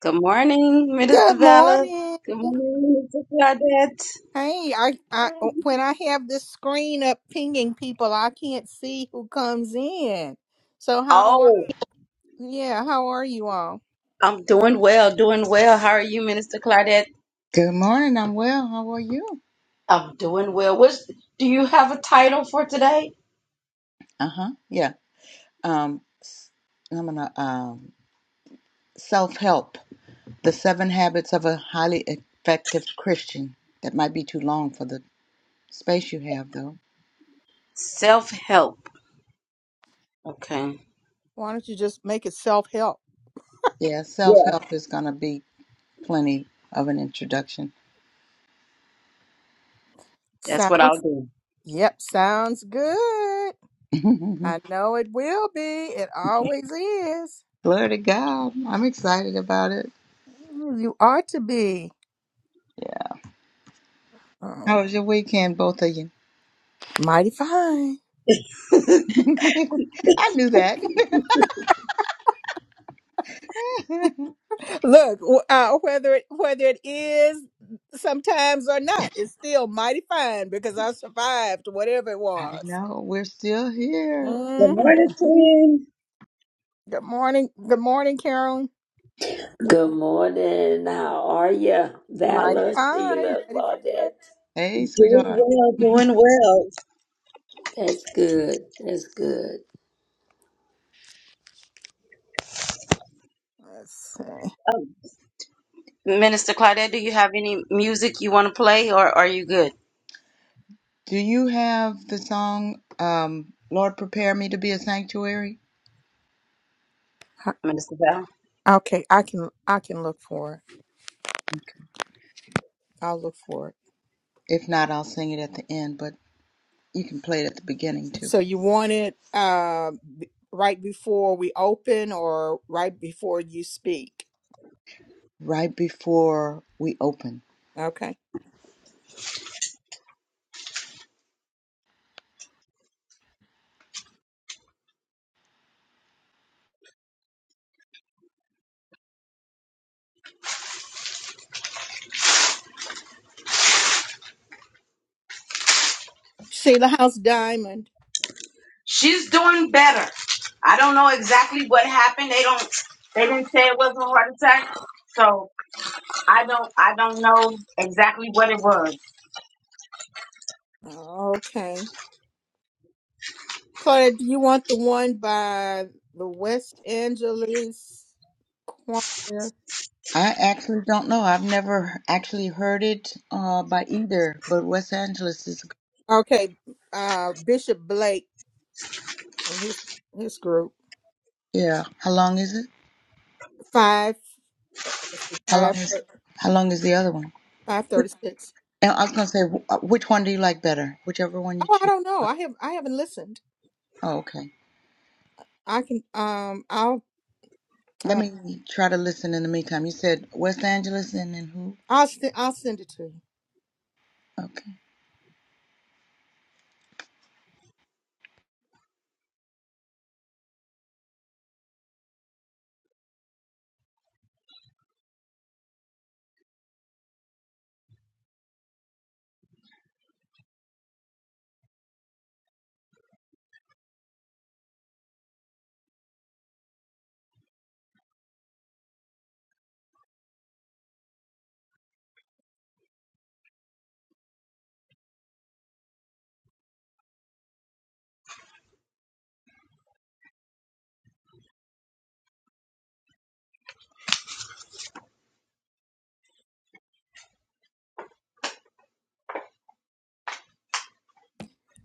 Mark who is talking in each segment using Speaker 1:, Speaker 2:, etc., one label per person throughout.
Speaker 1: Good morning, Minister
Speaker 2: Good
Speaker 1: Vala.
Speaker 2: morning.
Speaker 1: Good morning, Minister Claudette.
Speaker 2: Hey, I, I when I have this screen up pinging people, I can't see who comes in. So how are
Speaker 1: Oh,
Speaker 2: yeah, how are you all?
Speaker 1: I'm doing well, doing well. How are you, Minister Claudette?
Speaker 3: Good morning. I'm well. How are you?
Speaker 1: I'm doing well. What's, do you have a title for today?
Speaker 3: Uh huh. Yeah. Um, s- I'm gonna um self help. The seven habits of a highly effective Christian. That might be too long for the space you have, though.
Speaker 1: Self help. Okay.
Speaker 2: Why don't you just make it self-help?
Speaker 3: Yeah, self
Speaker 1: Yeah,
Speaker 3: help is gonna be plenty of an introduction.
Speaker 1: that's what
Speaker 2: Sounds
Speaker 1: I'll do.
Speaker 2: yep, sounds good.
Speaker 3: Glory
Speaker 2: I know it will be. It always is.
Speaker 3: to God. I'm excited about it.
Speaker 2: You ought to be.
Speaker 3: Yeah.
Speaker 2: Oh,
Speaker 3: How was your weekend, both of you?
Speaker 2: mighty fine.
Speaker 1: Good
Speaker 3: I knew that.
Speaker 2: Look, w- uh, whether it, whether it is sometimes or not, it's still mighty fine because I survived whatever it
Speaker 3: I
Speaker 2: was.
Speaker 3: know. We're still here.
Speaker 2: hmm
Speaker 1: morning, twin.
Speaker 2: Good morning, good morning, Carolyn.
Speaker 4: Good morning. How are you,
Speaker 2: Mighty
Speaker 4: Valor,
Speaker 2: fine,
Speaker 4: Sheila,
Speaker 2: mighty fine.
Speaker 4: Claudette?
Speaker 3: Hey,
Speaker 1: Doing
Speaker 3: sweetheart.
Speaker 1: well, doing well.
Speaker 4: That's good. That's good.
Speaker 2: Let's see.
Speaker 1: Minister Claudette, do you have any music you want to play or are you good,
Speaker 3: Do you have the song, um, Lord Prepare Me to Be a Sanctuary?
Speaker 1: Minister Val?
Speaker 2: Okay, I can I can look for it. I'll look for it.
Speaker 3: If not, I'll sing it at the end, but you can play it at the beginning too,
Speaker 2: So you want it uh, b- right before we open or right before you speak?
Speaker 3: right before we open.
Speaker 2: Okay. Sheila House Diamond.
Speaker 1: She's doing better. I don't know exactly what happened. They don't they didn't say it was a heart attack. So I don't I don't know exactly what it was.
Speaker 2: Okay. Claudia, do you want the one by the West Angeles Choir?
Speaker 3: I actually don't know. I've never actually heard it uh, by either, but West Angeles is,
Speaker 2: Okay, uh, Bishop Blake and his his group
Speaker 3: yeah. How long is it?
Speaker 2: five
Speaker 3: How long
Speaker 2: five
Speaker 3: is, how long is the other one?
Speaker 2: five thirty six.
Speaker 3: And I was going to say, wh- uh, which one do you like better? Whichever one you
Speaker 2: Oh, I
Speaker 3: choose.
Speaker 2: don't know. I have I haven't listened.
Speaker 3: Oh, okay.
Speaker 2: I can um I'll
Speaker 3: Let
Speaker 2: uh,
Speaker 3: me try to listen in the meantime. You said West Angeles and then who?
Speaker 2: I'll send I'll send it to you.
Speaker 3: Okay.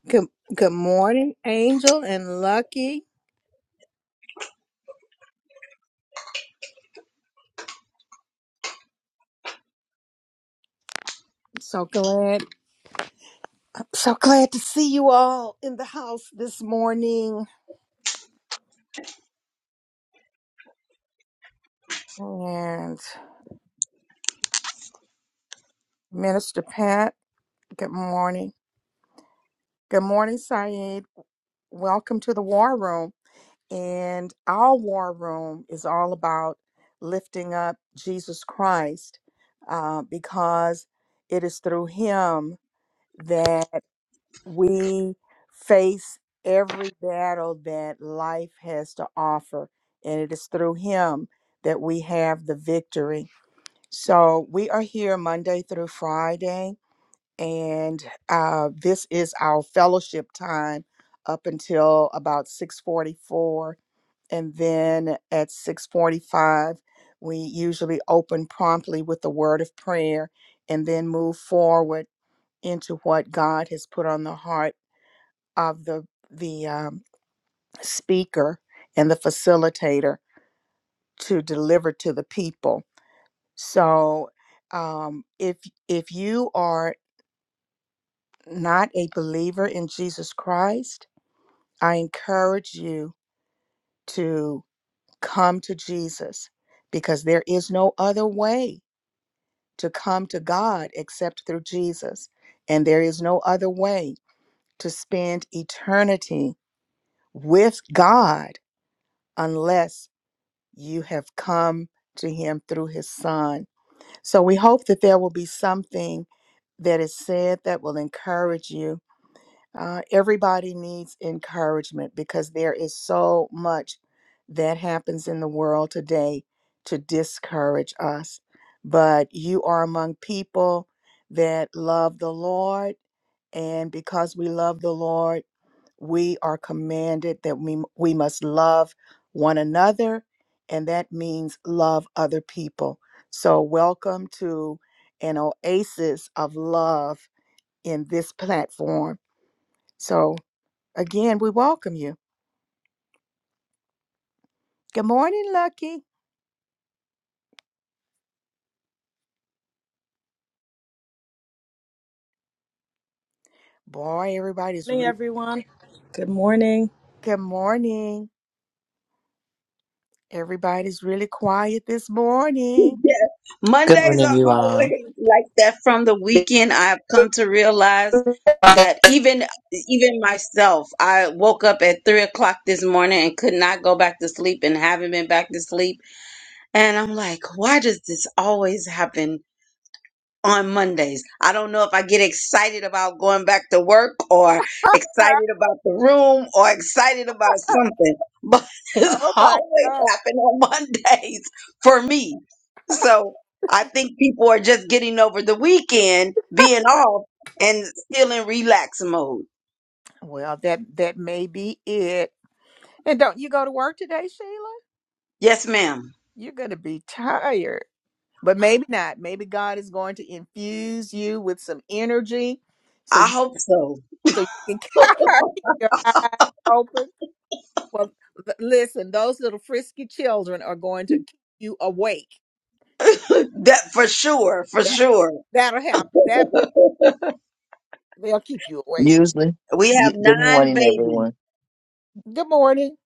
Speaker 2: Good Good morning, Angel and Lucky. So glad so glad to see you all in the house this morning and Minister Pat. Good morning. Good morning, Syed. Welcome to the War Room. And our War Room is all about lifting up Jesus Christ uh, because it is through him that we face every battle that life has to offer. And it is through him that we have the victory. So we are here Monday through Friday and uh, this is our fellowship time up until about 6.44 and then at 6.45 we usually open promptly with the word of prayer and then move forward into what god has put on the heart of the the um, speaker and the facilitator to deliver to the people so um, if if you are not a believer in jesus christ I encourage you to come to Jesus because there is no other way to come to God except through Jesus. And there is no other way to spend eternity with God unless you have come to Him through His Son. So we hope that there will be something that is said that will encourage you Uh, everybody needs encouragement because there is so much that happens in the world today to discourage us. But you are among people that love the Lord, and because we love the Lord, we are commanded that we, we must love one another, and that means love other people. So, welcome to an oasis of love in this platform. So, Again, we welcome you. Good morning, Lucky. Boy, everybody's
Speaker 5: morning,
Speaker 2: re-
Speaker 5: everyone. Good morning.
Speaker 2: good morning. Everybody's really quiet this morning.
Speaker 1: Yes.
Speaker 6: Good
Speaker 1: Mondays
Speaker 6: morning,
Speaker 1: are
Speaker 6: everyone.
Speaker 1: always like that from the weekend. I've come to realize that even even myself, I woke up at three o'clock this morning and could not go back to sleep and haven't been back to sleep. And I'm like, why does this always happen? on Mondays. I don't know if I get excited about going back to work or excited about the room or excited about something, but it's
Speaker 2: Oh my
Speaker 1: always
Speaker 2: God.
Speaker 1: happened on Mondays for me. So I think people are just getting over the weekend being off and still in relax mode.
Speaker 2: Well, that that may be it. And don't you go to work today, Sheila?
Speaker 1: Yes, ma'am.
Speaker 2: You're going to be tired. But maybe not. Maybe God is going to infuse you with some energy so
Speaker 1: I
Speaker 2: you
Speaker 1: hope so.
Speaker 2: so you can keep your eyes open. Well, th- listen, those little frisky children are going to keep you awake.
Speaker 1: That for sure, for sure.
Speaker 2: That'll help. That will they'll keep you awake.
Speaker 7: Usually,
Speaker 1: We
Speaker 7: you,
Speaker 1: have
Speaker 7: good
Speaker 1: nine
Speaker 7: morning,
Speaker 1: babies.
Speaker 7: everyone.
Speaker 2: Good morning.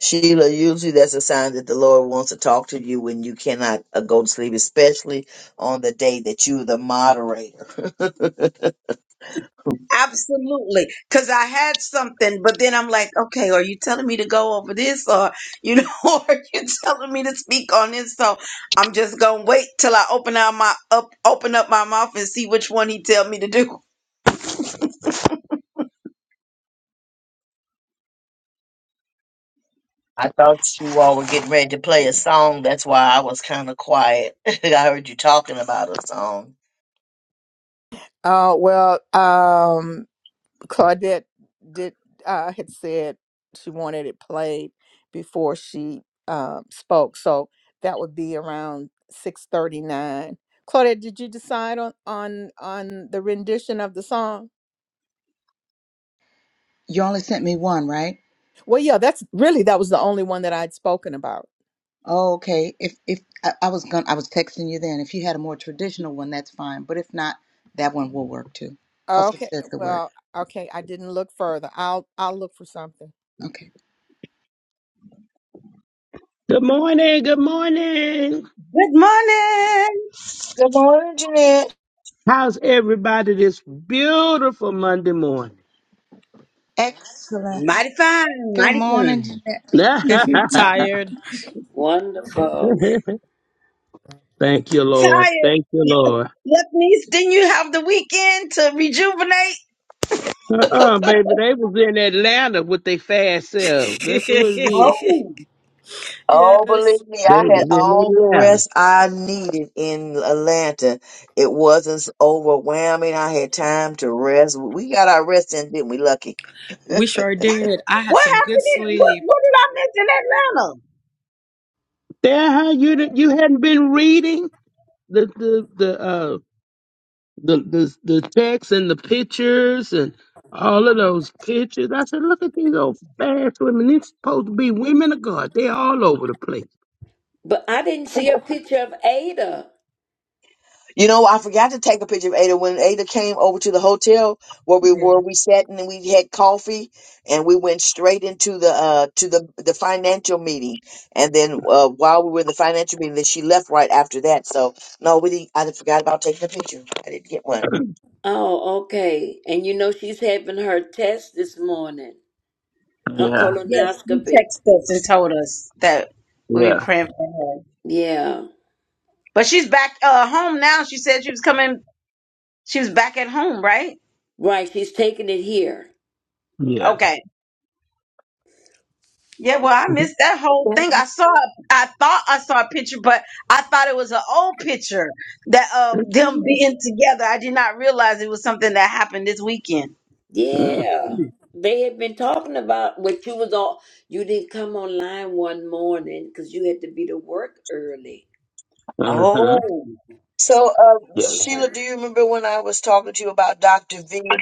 Speaker 7: Sheila, usually that's a sign that the Lord wants to talk to you when you cannot uh, go to sleep, especially on the day that you're the moderator.
Speaker 1: Absolutely. Cause I had something, but then I'm like, okay, are you telling me to go over this or, you know, or are you telling me to speak on this? So I'm just going to wait till I open out my up, open up my mouth and see which one he tell me to do.
Speaker 7: I thought you all were getting ready to play a song. That's why I was kind of quiet. I heard you talking about a song.
Speaker 2: Uh well, um Claudette did uh had said she wanted it played before she um spoke. So that would be around six thirty nine. Claudette, did you decide on on on the rendition of the song?
Speaker 3: You only sent me one, right?
Speaker 2: Well, yeah, that's really that was the only one that I'd spoken about.
Speaker 3: Oh, okay. If if I, I was going to I was texting you then. If you had a more traditional one, that's fine. But if not, that one will work too, cause it
Speaker 2: Okay.
Speaker 3: says the word.
Speaker 2: Well, okay, I didn't look further. I'll I'll look for something.
Speaker 3: Okay.
Speaker 8: Good morning. Good morning.
Speaker 1: Good morning.
Speaker 7: Good morning, Jeanette.
Speaker 8: How's everybody this beautiful Monday morning?
Speaker 3: Excellent.
Speaker 1: Mighty fine.
Speaker 3: Good
Speaker 1: Mighty
Speaker 3: morning,
Speaker 1: fine.
Speaker 3: Jeanette.
Speaker 5: Tired.
Speaker 4: Wonderful.
Speaker 8: Thank you, Lord. Thank you,
Speaker 1: Tired.
Speaker 8: Lord.
Speaker 1: That means didn't you have the weekend to rejuvenate?
Speaker 8: Uh-uh, baby, they was in Atlanta with their fast selves. That's what it is.
Speaker 1: Oh,
Speaker 7: Oh,
Speaker 5: yes,
Speaker 7: believe me, I
Speaker 8: They
Speaker 7: had
Speaker 8: was in
Speaker 7: all the
Speaker 8: Atlanta.
Speaker 7: rest I needed in Atlanta. It wasn't s- overwhelming. I had time to rest. We got our rest in, didn't we, Lucky?
Speaker 5: we sure did. I had
Speaker 1: what
Speaker 5: some good
Speaker 1: happened? In, what,
Speaker 5: sleep.
Speaker 1: what did I miss in Atlanta?
Speaker 8: There, how you did- you hadn't been reading the the the uh the the the text and the pictures and all of those pictures. I said, look at these old fast women. These supposed to be women of God. They're all over the place.
Speaker 4: But I didn't see a picture of Ada.
Speaker 7: You know, I forgot to take a picture of Ada when Ada came over to the hotel where we were.
Speaker 3: Yeah.
Speaker 7: We sat and we had coffee, and we went straight into the uh to the the financial meeting. And then uh, while we were in the financial meeting, then she left right after that. So no, we didn't. I forgot about taking a picture. I didn't get one.
Speaker 4: Oh, okay. And you know she's having her test this morning, her
Speaker 8: Yeah.
Speaker 1: Yes, you
Speaker 4: colonoscopy.
Speaker 1: texted us and told us that we will be
Speaker 8: Yeah.
Speaker 1: praying for her.
Speaker 4: Yeah.
Speaker 1: But she's back uh home now. She said she was coming she was back at home, right?
Speaker 4: Right. She's taking it here.
Speaker 8: Yeah.
Speaker 1: Okay. Yeah, well, I missed that whole thing. I saw I thought I saw a picture, but I thought it was an old picture that of them
Speaker 8: Mm-hmm.
Speaker 1: being together. I did not realize it was something that happened this weekend.
Speaker 4: Yeah. They had been talking about what you was all. You didn't come online one morning because you had to be to work early.
Speaker 1: Oh.
Speaker 7: So, uh,
Speaker 8: Yeah.
Speaker 4: Yeah.
Speaker 7: Sheila, do you remember when I was talking to you about Dr. V?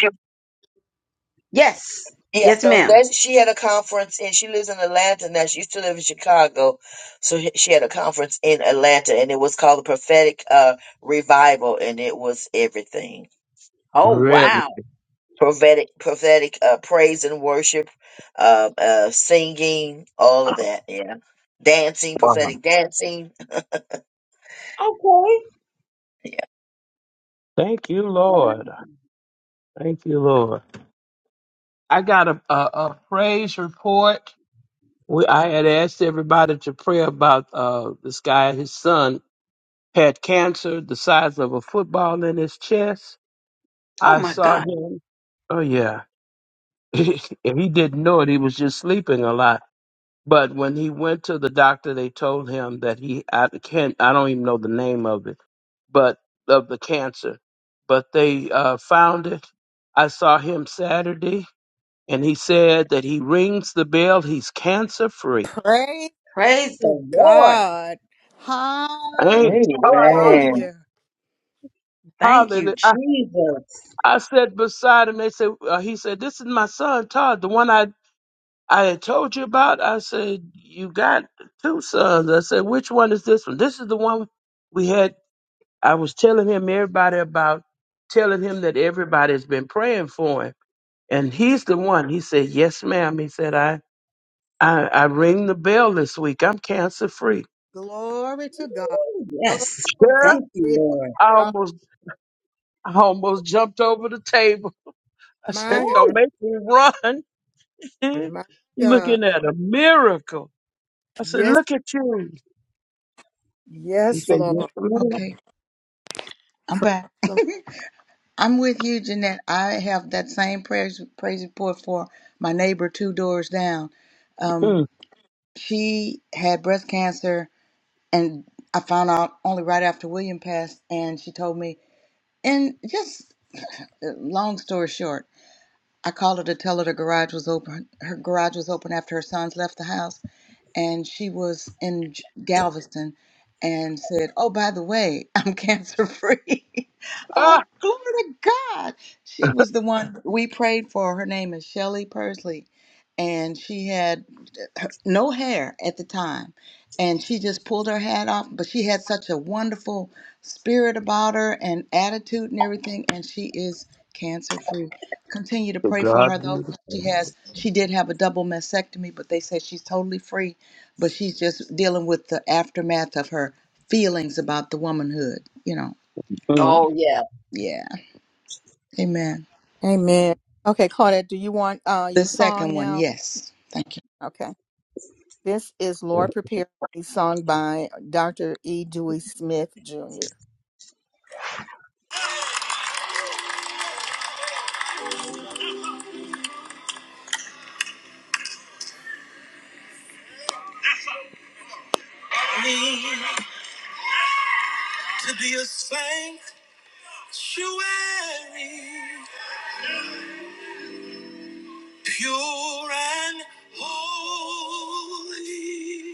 Speaker 1: Yes.
Speaker 7: Yeah,
Speaker 1: Yes,
Speaker 7: so
Speaker 1: ma'am.
Speaker 7: that she had a conference, and she lives in Atlanta now. She used to live in Chicago, so he- she had a conference in Atlanta, and it was called the Prophetic uh, Revival, and it was everything
Speaker 1: Oh,
Speaker 8: Really.
Speaker 1: wow.
Speaker 7: prophetic, prophetic uh, praise and worship, uh, uh, singing, all of that. Yeah, dancing,
Speaker 8: Wow.
Speaker 7: prophetic dancing.
Speaker 1: Okay.
Speaker 7: Yeah.
Speaker 8: Thank you, Lord. Thank you, Lord. I got a, a, a praise report. We, I had asked everybody to pray about uh, this guy. His son had cancer the size of a football in his chest.
Speaker 1: Oh
Speaker 8: I
Speaker 1: my
Speaker 8: saw
Speaker 1: God.
Speaker 8: him. Oh, yeah. If he didn't know it. He was just sleeping a lot. But when he went to the doctor, they told him that he I can't I don't even know the name of it, but of the cancer. But they uh, found it. I saw him Saturday, and he said that he rings the bell. He's cancer free.
Speaker 2: Praise
Speaker 1: Praise
Speaker 2: to
Speaker 1: the Lord.
Speaker 2: God. Hallelujah.
Speaker 8: Ain't God
Speaker 1: Woo!
Speaker 7: Amen.
Speaker 8: awesome?
Speaker 1: Thank
Speaker 8: Hallelujah!
Speaker 1: you,
Speaker 8: I,
Speaker 1: Jesus.
Speaker 8: I sat beside him. They said uh, he said this is my son Todd, the one I I had told you about. I said you got two sons. I said which one is this one? This is the one we had I was telling him everybody about telling him that everybody's been praying for him. And he's the one. He said, Yes, ma'am. He said, I I, I ring the bell this week. I'm cancer free.
Speaker 2: Glory to God.
Speaker 1: Woo!
Speaker 2: Nobody
Speaker 1: Yes.
Speaker 8: Yeah.
Speaker 1: Thank you,
Speaker 2: but
Speaker 1: Lord.
Speaker 8: I
Speaker 2: God.
Speaker 8: almost I almost jumped over the table. I said,
Speaker 2: My
Speaker 8: Don't
Speaker 2: God.
Speaker 1: Oh,
Speaker 8: make me run.
Speaker 2: My God.
Speaker 8: Looking at a miracle. I said,
Speaker 2: Yes.
Speaker 8: Look at you. He
Speaker 2: Yes,
Speaker 8: said, Yes,
Speaker 2: Lord.
Speaker 8: ma'am.
Speaker 3: Okay, I'm
Speaker 2: Praise
Speaker 3: back.
Speaker 2: Him.
Speaker 3: I'm with you, Jeanette. I have that same praise praise report for my neighbor two doors down. Um,
Speaker 8: Mm.
Speaker 3: she had breast cancer, and I found out only right after William passed, and she told me. And just uh, long story short, I called her to tell her the garage was open. Her garage was open after her sons left the house and she was in J- Galveston and said, Oh, by the way, I'm cancer free. I'm
Speaker 8: Ah,
Speaker 3: like, Glory to God. She was the one we prayed for. Her name is Shelley Pursley. And she had uh, her, no hair at the time. And she just pulled her hat off, but she had such a wonderful spirit about her and attitude and everything. And she is cancer free. Continue to
Speaker 8: to
Speaker 3: pray for
Speaker 8: God
Speaker 3: her though.
Speaker 8: be
Speaker 3: She
Speaker 8: the
Speaker 3: has, she did have a double mastectomy, but they said she's totally free but she's just dealing with the aftermath of her feelings about the womanhood, you know.
Speaker 8: glory.
Speaker 1: oh yeah.
Speaker 3: Yeah. Amen.
Speaker 2: Amen. Okay, Claudette, do you want uh, your
Speaker 3: The
Speaker 2: song
Speaker 3: second one,
Speaker 2: now?
Speaker 3: yes. Thank you.
Speaker 2: Okay. This is
Speaker 8: Mm.
Speaker 2: Lord Prepare Me, sung by Dr. E. Dewey Smith Jr. to be a sanctuary, pure and holy,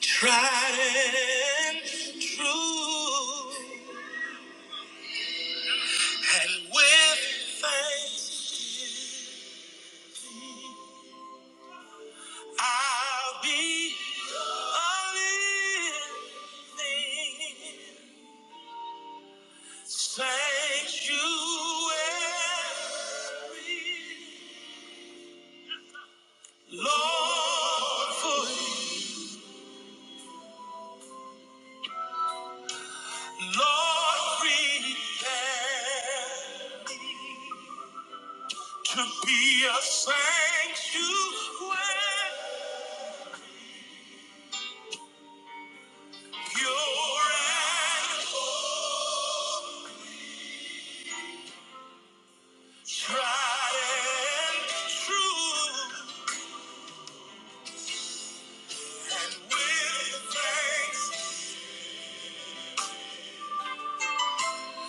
Speaker 2: tried and true. And with thanks, I'll be a living sanctuary, Lord, for you. Lord, prepare to be a sanctuary, pure and tried and true. And with thanks,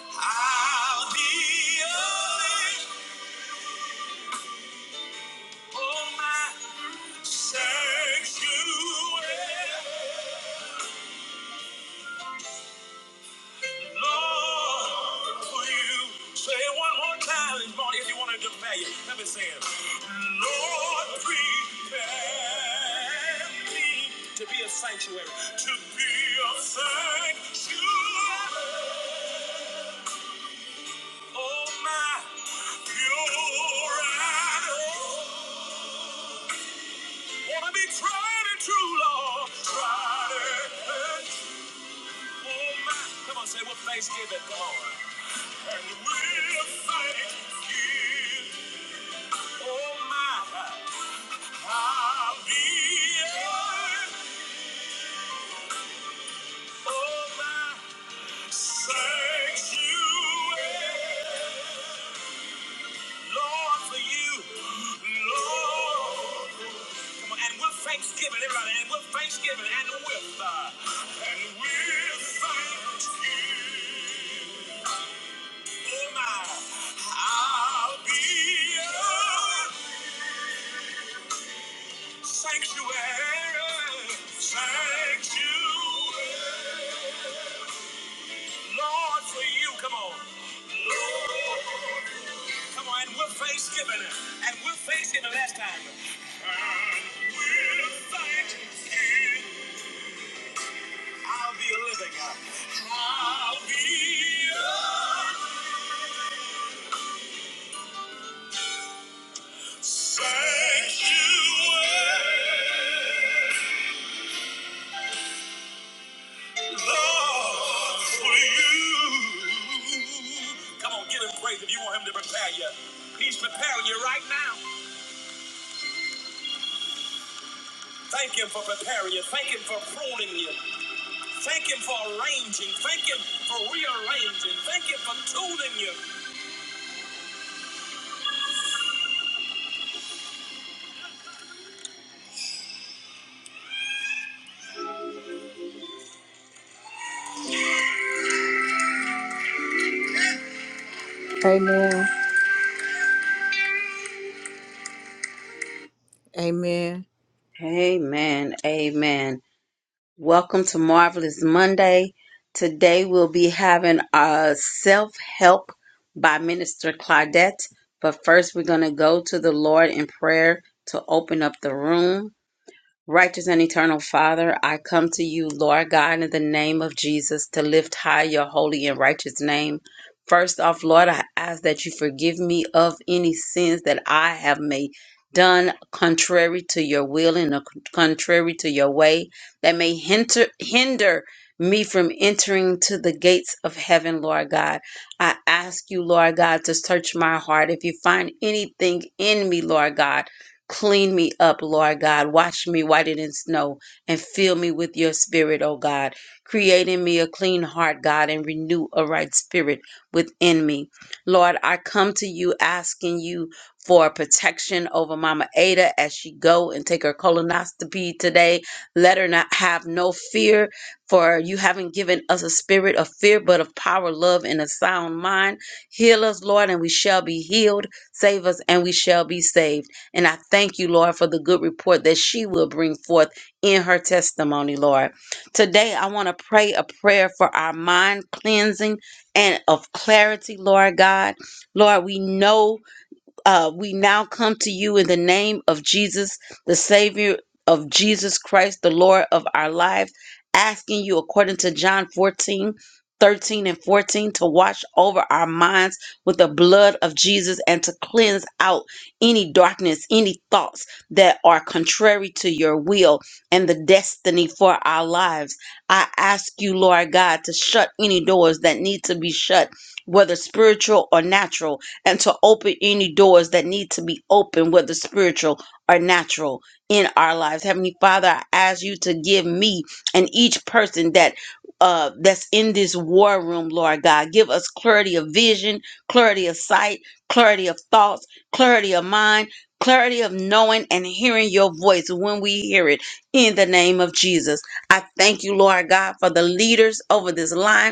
Speaker 2: I'll be a living for my sanctuary. Lord, for you. Say it one more time this morning if you want to declare it. Let me say it. Lord, prepare me to be a sanctuary. To be a sanctuary. Oh, my. You're right. Want to be tried and true, Lord. Tried and true. Oh, my. Come on, say it with thanksgiving. Come on. And we'll thank you. Oh my, I'll be oh sanctuary, Lord, for you, Lord. Come on, and with thanksgiving, everybody, and with thanksgiving, and with uh, and with thanksgiving, oh my, I'll be a sanctuary, sanctuary. Lord, for you, come on. Come on, and we're thanksgiving. And we're thanksgiving last time. And we're thanksgiving. I'll be a living God. I'll be a sanctuary. Lord, for you. For tooling you. Amen. Amen.
Speaker 1: Amen. Amen. Welcome to Marvelous Monday. Today we'll be having a self-help by Minister Claudette. But first we're gonna go to the Lord in prayer to open up the room. Righteous and eternal Father, I come to you, Lord God, in the name of Jesus to lift high your holy and righteous name. First off, Lord, I ask that you forgive me of any sins that I have made done contrary to your will and uh, contrary to your way that may hinder hinder me from entering to the gates of heaven, Lord God. I ask you, Lord God, to search my heart. If you find anything in me, Lord God, Clean me up, Lord God. Wash me whiter than snow and fill me with your spirit, O God. Create in me a clean heart, God, and renew a right spirit within me. Lord, I come to you asking you for protection over Mama Ada as she go and take her colonoscopy today. Let her not have no fear, for you haven't given us a spirit of fear, but of power, love, and a sound mind. Heal us, Lord, and we shall be healed. Save us, and we shall be saved. And I thank you, Lord, for the good report that she will bring forth in her testimony, Lord. Today, I want to pray a prayer for our mind cleansing and of clarity, Lord God. Lord, we know uh, we now come to you in the name of Jesus, the Savior of Jesus Christ, the Lord of our lives, asking you, according to John 14, 13 and 14, to watch over our minds with the blood of Jesus and to cleanse out any darkness, any thoughts that are contrary to your will and the destiny for our lives. I ask you, Lord God, to shut any doors that need to be shut, whether spiritual or natural and to open any doors that need to be opened, whether spiritual or natural, in our lives. Heavenly Father, I ask you to give me and each person that. Uh, that's in this war room, Lord God. Give us clarity of vision, clarity of sight, clarity of thoughts, clarity of mind, clarity of knowing and hearing your voice when we hear it in the name of Jesus. I thank you, Lord God, for the leaders over this line.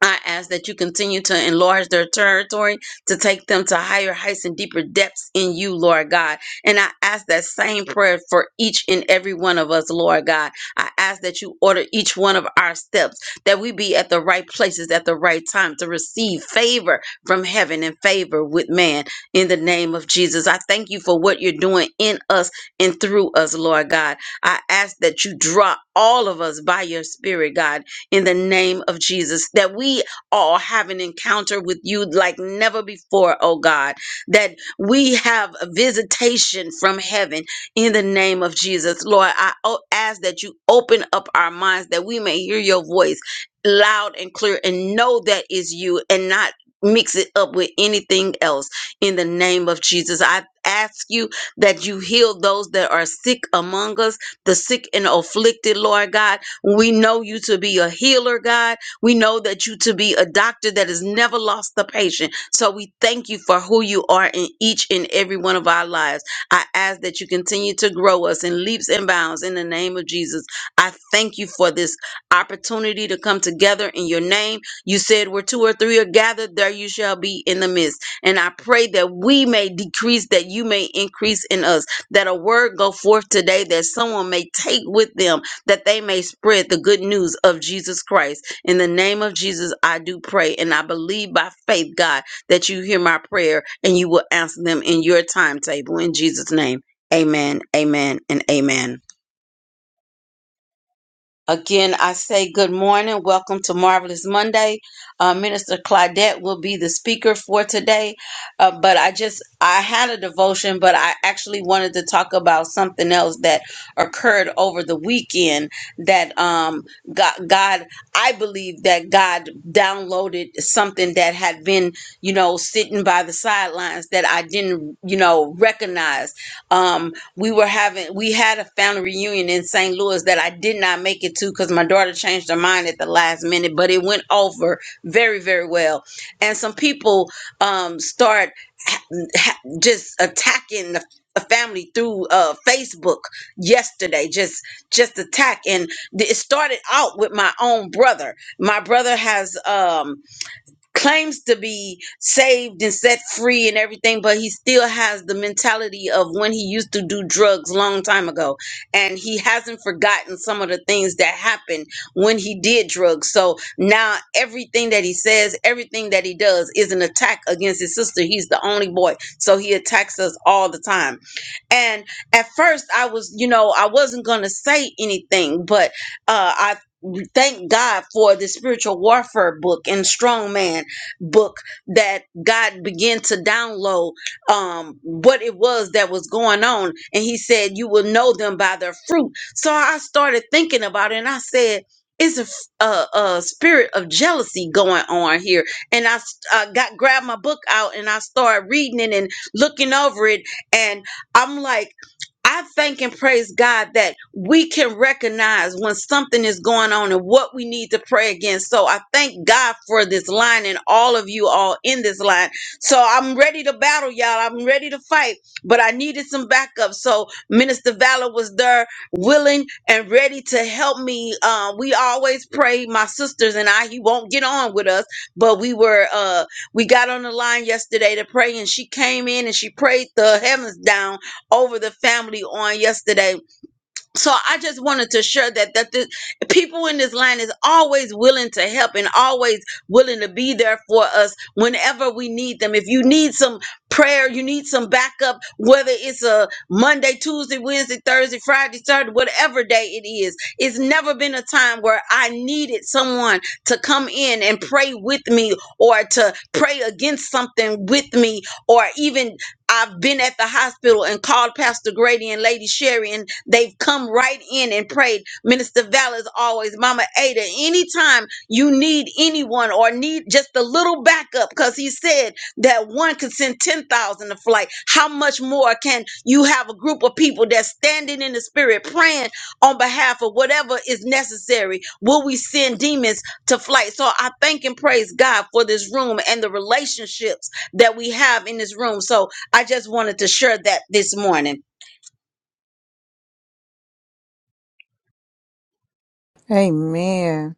Speaker 1: I ask that you continue to enlarge their territory, to take them to higher heights and deeper depths in you, Lord God. And I ask that same prayer for each and every one of us, Lord God. I ask that you order each one of our steps, that we be at the right places at the right time to receive favor from heaven and favor with man. In the name of Jesus, I thank you for what you're doing in us and through us, Lord God. I ask that you draw all of us by your spirit, God in the name of Jesus, that we all have an encounter with you like never before, oh God, that we have a visitation from heaven in the name of Jesus. Lord, I o- ask that you open up our minds that we may hear your voice loud and clear and know that is you and not mix it up with anything else in the name of Jesus. I ask you that you heal those that are sick among us, the sick and afflicted, Lord God we know you to be a healer, God. We know that you to be a doctor that has never lost the patient. So we thank you for who you are in each and every one of our lives. I ask that you continue to grow us in leaps and bounds in the name of Jesus. I thank you for this opportunity to come together in your name. You said where two or three are gathered, there you shall be in the midst. And I pray that we may decrease, that you may increase in us, that a word go forth today that someone may take with them that they may spread the good news of Jesus Christ. In the name of Jesus, I do pray and I believe by faith, God, that you hear my prayer and you will answer them in your timetable. In Jesus' name, amen, amen, and amen. Again, I say good morning. Welcome to Marvelous Monday. Uh, Minister Claudette will be the speaker for today. Uh, but I just, I had a devotion, but I actually wanted to talk about something else that occurred over the weekend that um, God, God, I believe that God downloaded something that had been, you know, sitting by the sidelines that I didn't, you know, recognize. Um, we were having we had a family reunion in St. Louis that I did not make it to because my daughter changed her mind at the last minute, but it went over very very well. And some people um start ha- ha- just attacking the the family through uh Facebook yesterday just just attack and th- it started out with my own brother. My brother has um claims to be saved and set free and everything but he still has the mentality of when he used to do drugs long time ago and he hasn't forgotten some of the things that happened when he did drugs so now everything that he says everything that he does is an attack against his sister he's the only boy so he attacks us all the time and at first i was you know i wasn't going to say anything but uh, I thank God for the spiritual warfare book and strong man book that God began to download um, what it was that was going on. And he said, You will know them by their fruit. So I started thinking about it and I said, it's a, f- a- a spirit of jealousy going on here, and I s- I got grabbed my book out and I started reading it and looking over it, and I'm like. I thank and praise God that we can recognize when something is going on and what we need to pray against. So I thank God for this line and all of you all in this line. So I'm ready to battle, y'all. I'm ready to fight, but I needed some backup. So Minister Valor was there, willing and ready to help me. Uh, we always pray, my sisters and I. He won't get on with us, but we were uh, we got on the line yesterday to pray, and she came in and she prayed the heavens down over the family on yesterday. So I just wanted to share that that the people in this line is always willing to help and always willing to be there for us whenever we need them. If you need some prayer, you need some backup, whether it's a Monday, Tuesday, Wednesday, Thursday, Friday, Saturday, whatever day it is. It's never been a time where I needed someone to come in and pray with me or to pray against something with me or even I've been at the hospital and called Pastor Grady and Lady Sherry, and they've come right in and prayed. Minister Val is always Mama Ada. Anytime you need anyone or need just a little backup, because he said that one could send 10,000 to flight. How much more can you have a group of people that's standing in the spirit praying on behalf of whatever is necessary? Will we send demons to flight? So I thank and praise God for this room and the relationships that we have in this room. So I just wanted to share that this morning.
Speaker 2: Amen.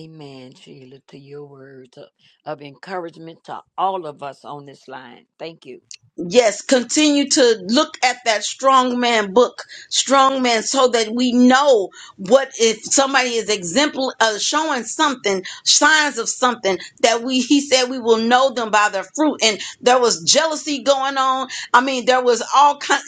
Speaker 4: Amen, Sheila, to your words of, of encouragement to all of us on this line. Thank you.
Speaker 1: Yes, continue to look at that strong man book, strong man, so that we know what if somebody is example uh, showing something, signs of something that we he said we will know them by their fruit. And there was jealousy going on. I mean, there was all kind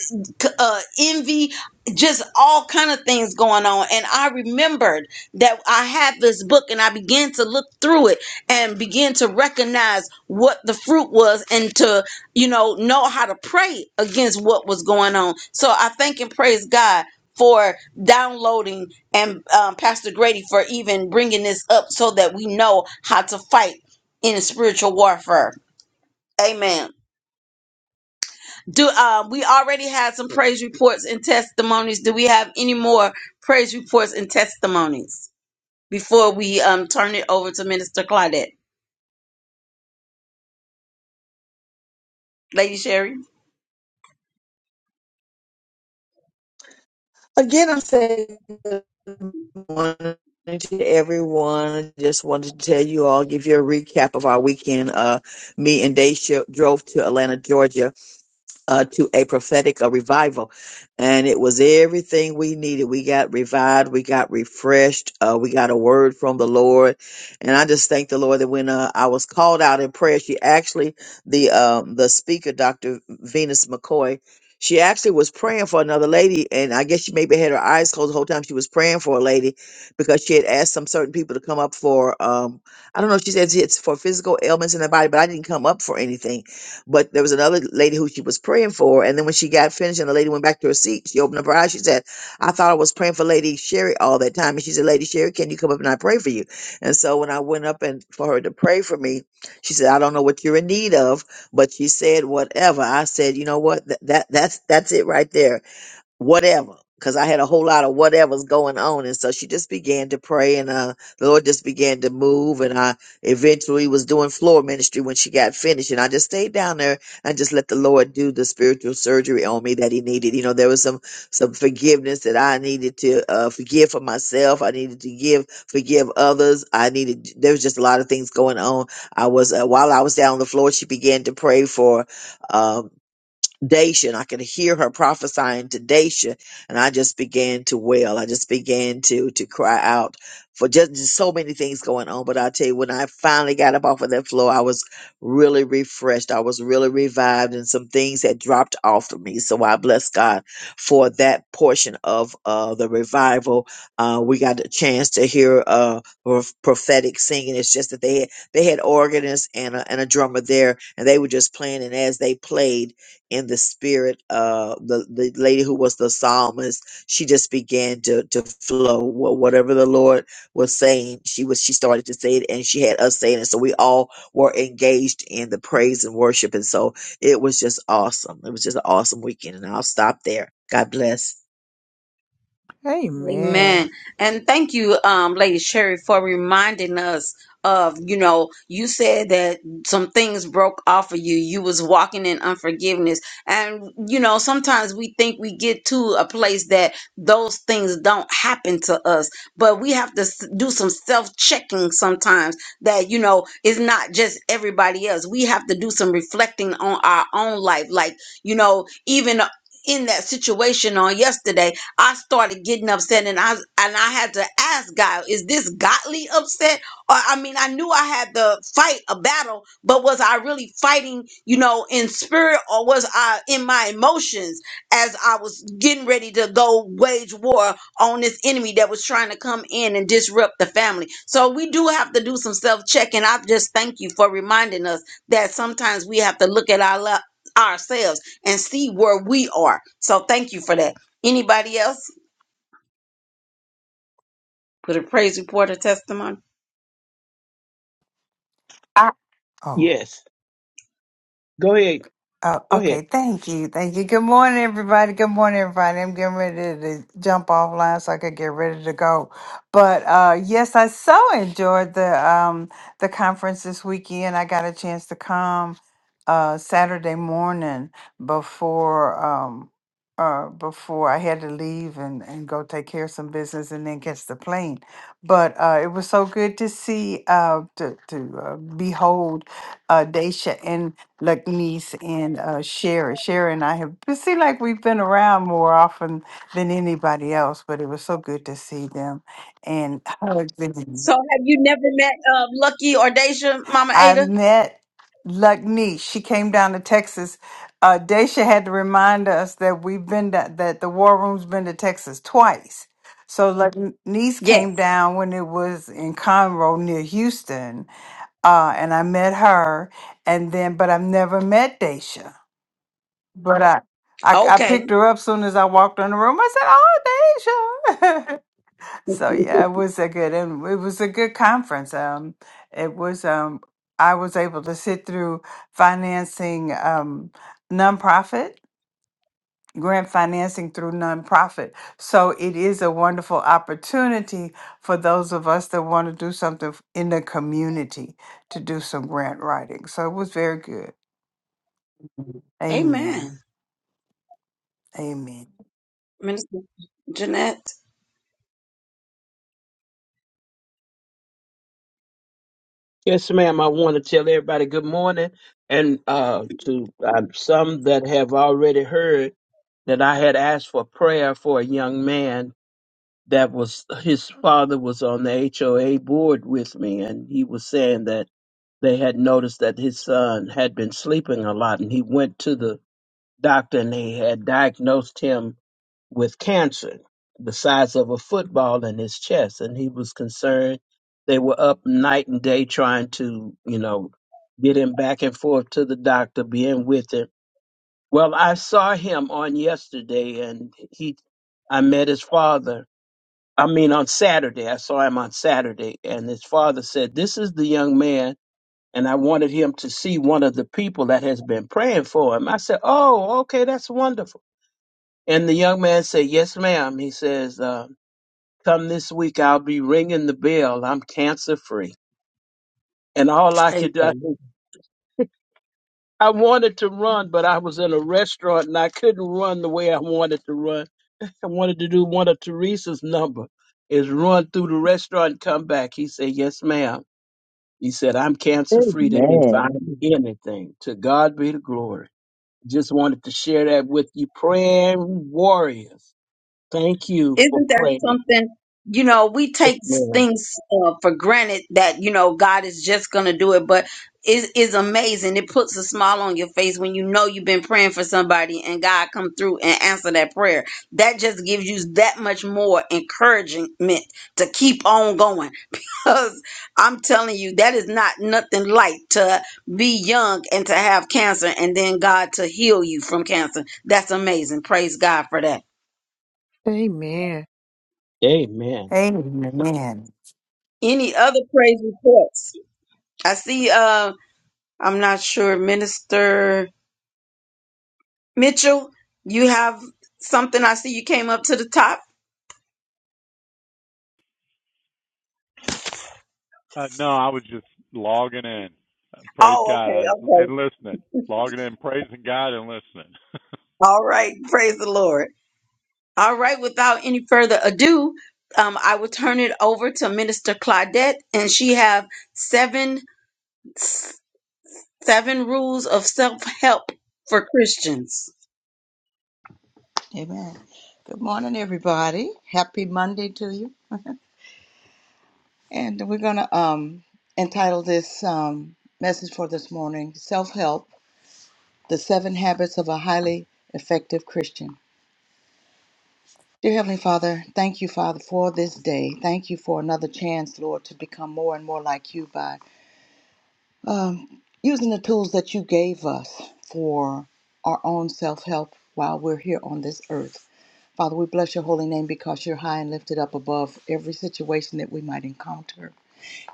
Speaker 1: uh, envy, just all kind of things going on. And I remembered that I had this book, and I began to look through it and begin to recognize what the fruit was, and to you know, know how to pray against what was going on. So I thank and praise God for downloading and um, Pastor Grady for even bringing this up so that we know how to fight in spiritual warfare. Amen. Do uh, we already had some praise reports and testimonies? Do we have any more praise reports and testimonies before we um, turn it over to Minister Claudette, Lady Sherry?
Speaker 7: Again, I'm saying good morning to everyone. Just wanted to tell you all, give you a recap of our weekend. Uh, me and Daisha drove to Atlanta, Georgia uh, to a prophetic a revival and it was everything we needed we got revived we got refreshed uh, we got a word from the lord and i just thank the lord that when uh, i was called out in prayer she actually the um, the speaker dr venus mccoy she actually was praying for another lady and i guess she maybe had her eyes closed the whole time she was praying for a lady because she had asked some certain people to come up for um, i don't know if she said it's for physical ailments in the body but i didn't come up for anything but there was another lady who she was praying for. And then when she got finished and the lady went back to her seat, she opened up her eyes. She said, I thought I was praying for Lady Sherry all that time. And she said, Lady Sherry, can you come up and I pray for you? And so when I went up and for her to pray for me, she said, I don't know what you're in need of, but she said, whatever. I said, you know what? That, that that's that's it right there whatever because i had a whole lot of whatever's going on and so she just began to pray and uh the lord just began to move and i eventually was doing floor ministry when she got finished and i just stayed down there and just let the lord do the spiritual surgery on me that he needed you know there was some some forgiveness that i needed to uh forgive for myself i needed to give forgive others i needed there was just a lot of things going on i was uh, while i was down on the floor she began to pray for um, Dacia, and I could hear her prophesying to Dacia, and I just began to wail. I just began to to cry out for just, just so many things going on. But I tell you, when I finally got up off of that floor, I was really refreshed. I was really revived, and some things had dropped off of me. So I bless God for that portion of uh, the revival. Uh, we got a chance to hear uh, prof- prophetic singing. It's just that they had, they had organists and a, and a drummer there, and they were just playing. And as they played in the spirit uh the, the lady who was the psalmist she just began to to flow Wha- whatever the lord was saying she was she started to say it and she had us saying it so we all were engaged in the praise and worship and so it was just awesome it was just an awesome weekend and i'll stop there god bless
Speaker 2: Amen.
Speaker 1: Amen. And thank you, um, Lady Sherry, for reminding us of, you know, you said that some things broke off of you. You was walking in unforgiveness. And, you know, sometimes we think we get to a place that those things don't happen to us, but we have to s- do some self-checking sometimes that, you know, it's not just everybody else. We have to do some reflecting on our own life. Like, you know, even in that situation on yesterday I started getting upset and I and I had to ask God, is this godly upset? Or I mean, I knew I had to fight a battle, but was I really fighting, you know, in spirit or was I in my emotions as I was getting ready to go wage war on this enemy that was trying to come in and disrupt the family? So we do have to do some self-checking. I just thank you for reminding us that sometimes we have to look at our lo- ourselves and see where we are. So thank you for that. Anybody else with a praise report or testimony?
Speaker 9: I, oh,
Speaker 8: Yes. Go ahead.
Speaker 9: oh,
Speaker 8: Go ahead.
Speaker 9: okay. Thank you. Thank you. Good morning, everybody. Good morning, everybody. I'm getting ready to jump offline so I could get ready to go. But uh, yes, I so enjoyed the um, the conference this weekend. I got a chance to come uh, Saturday morning before um, uh, before I had to leave and, and go take care of some business and then catch the plane. But uh, it was so good to see uh, to to uh, behold uh, Daisha like niece and uh Sherry. Sherry and I have it seemed like we've been around more often than anybody else, but it was so good to see them and hug them.
Speaker 1: So have you never met uh, Lucky or Deja, Mama
Speaker 9: I
Speaker 1: Ada?
Speaker 9: met Luckney. She came down to Texas. Uh Daisha had to remind us that we've been to, that the war room's been to Texas twice. So Luckney's
Speaker 1: Yes.
Speaker 9: came down when it was in Conroe near Houston. Uh and I met her and then but I've never met Daisha. But I, I, I
Speaker 1: Okay.
Speaker 9: picked her up soon as I walked in the room. I said, "Oh, Deja." so yeah, it was a good and it was a good conference. Um, it was um, I was able to sit through financing um nonprofit grant financing through nonprofit. So it is a wonderful opportunity for those of us that want to do something f- in the community to do some grant writing. So it was very good. Mhm.
Speaker 1: Amen.
Speaker 9: Amen. Amen.
Speaker 1: Minister Jeanette.
Speaker 8: Yes, ma'am. I want to tell everybody good morning, and uh, to uh, some that have already heard that I had asked for prayer for a young man that was his father was on the HOA board with me, and he was saying that they had noticed that his son had been sleeping a lot, and he went to the doctor and they had diagnosed him with cancer the size of a football in his chest and he was concerned they were up night and day trying to you know get him back and forth to the doctor being with him well i saw him on yesterday and he i met his father i mean on saturday i saw him on saturday and his father said this is the young man and i wanted him to see one of the people that has been praying for him i said oh okay that's wonderful and the young man said yes ma'am he says uh, Come this week, I'll be ringing the bell. I'm cancer free. And all I
Speaker 1: Praise
Speaker 8: could do,
Speaker 1: the
Speaker 8: I,
Speaker 1: Lord.
Speaker 8: think- I wanted to run, but I was in a restaurant and I couldn't run the way I wanted to run. I wanted to do one of Teresa's number is run through the restaurant and come back. He said, yes, ma'am. He said, I'm cancer free. They didn't
Speaker 7: Amen.
Speaker 8: find me anything. To God be the glory. Just wanted to share that with you. Praying warriors. Thank you for
Speaker 1: Isn't that
Speaker 8: praying.
Speaker 1: something? You know, we
Speaker 8: Yes,
Speaker 1: take
Speaker 8: ma'am.
Speaker 1: things uh, for granted that you know God is just going to do it, but it is amazing. It puts a smile on your face when you know you've been praying for somebody and God come through and answer that prayer. That just gives you that much more encouragement to keep on going. Because I'm telling you, that is not nothing light to be young and to have cancer and then God to heal you from cancer. That's amazing. Praise God for that.
Speaker 8: Amen.
Speaker 9: Amen.
Speaker 1: Any other praise reports? I see. Uh, I'm not sure, Minister Mitchell. You have something. I see you came up to the top.
Speaker 10: Uh, no, I was just logging in. Uh, Praise
Speaker 1: Oh,
Speaker 10: God I,
Speaker 1: okay, okay.
Speaker 10: and listening. Logging in, praising God and listening.
Speaker 1: All right. Praise the Lord. All right. Without any further ado, um, I will turn it over to Minister Claudette, and she have seven seven rules of self help for Christians.
Speaker 3: Amen. Good morning, everybody. Happy Monday to you. And we're gonna um entitle this um message for this morning, Self Help, the seven habits of a highly effective Christian. Dear Heavenly Father, thank you, Father, for this day. Thank you for another chance, Lord, to become more and more like you by um, using the tools that you gave us for our own self help while we're here on this earth. Father, we bless your holy name because you're high and lifted up above every situation that we might encounter.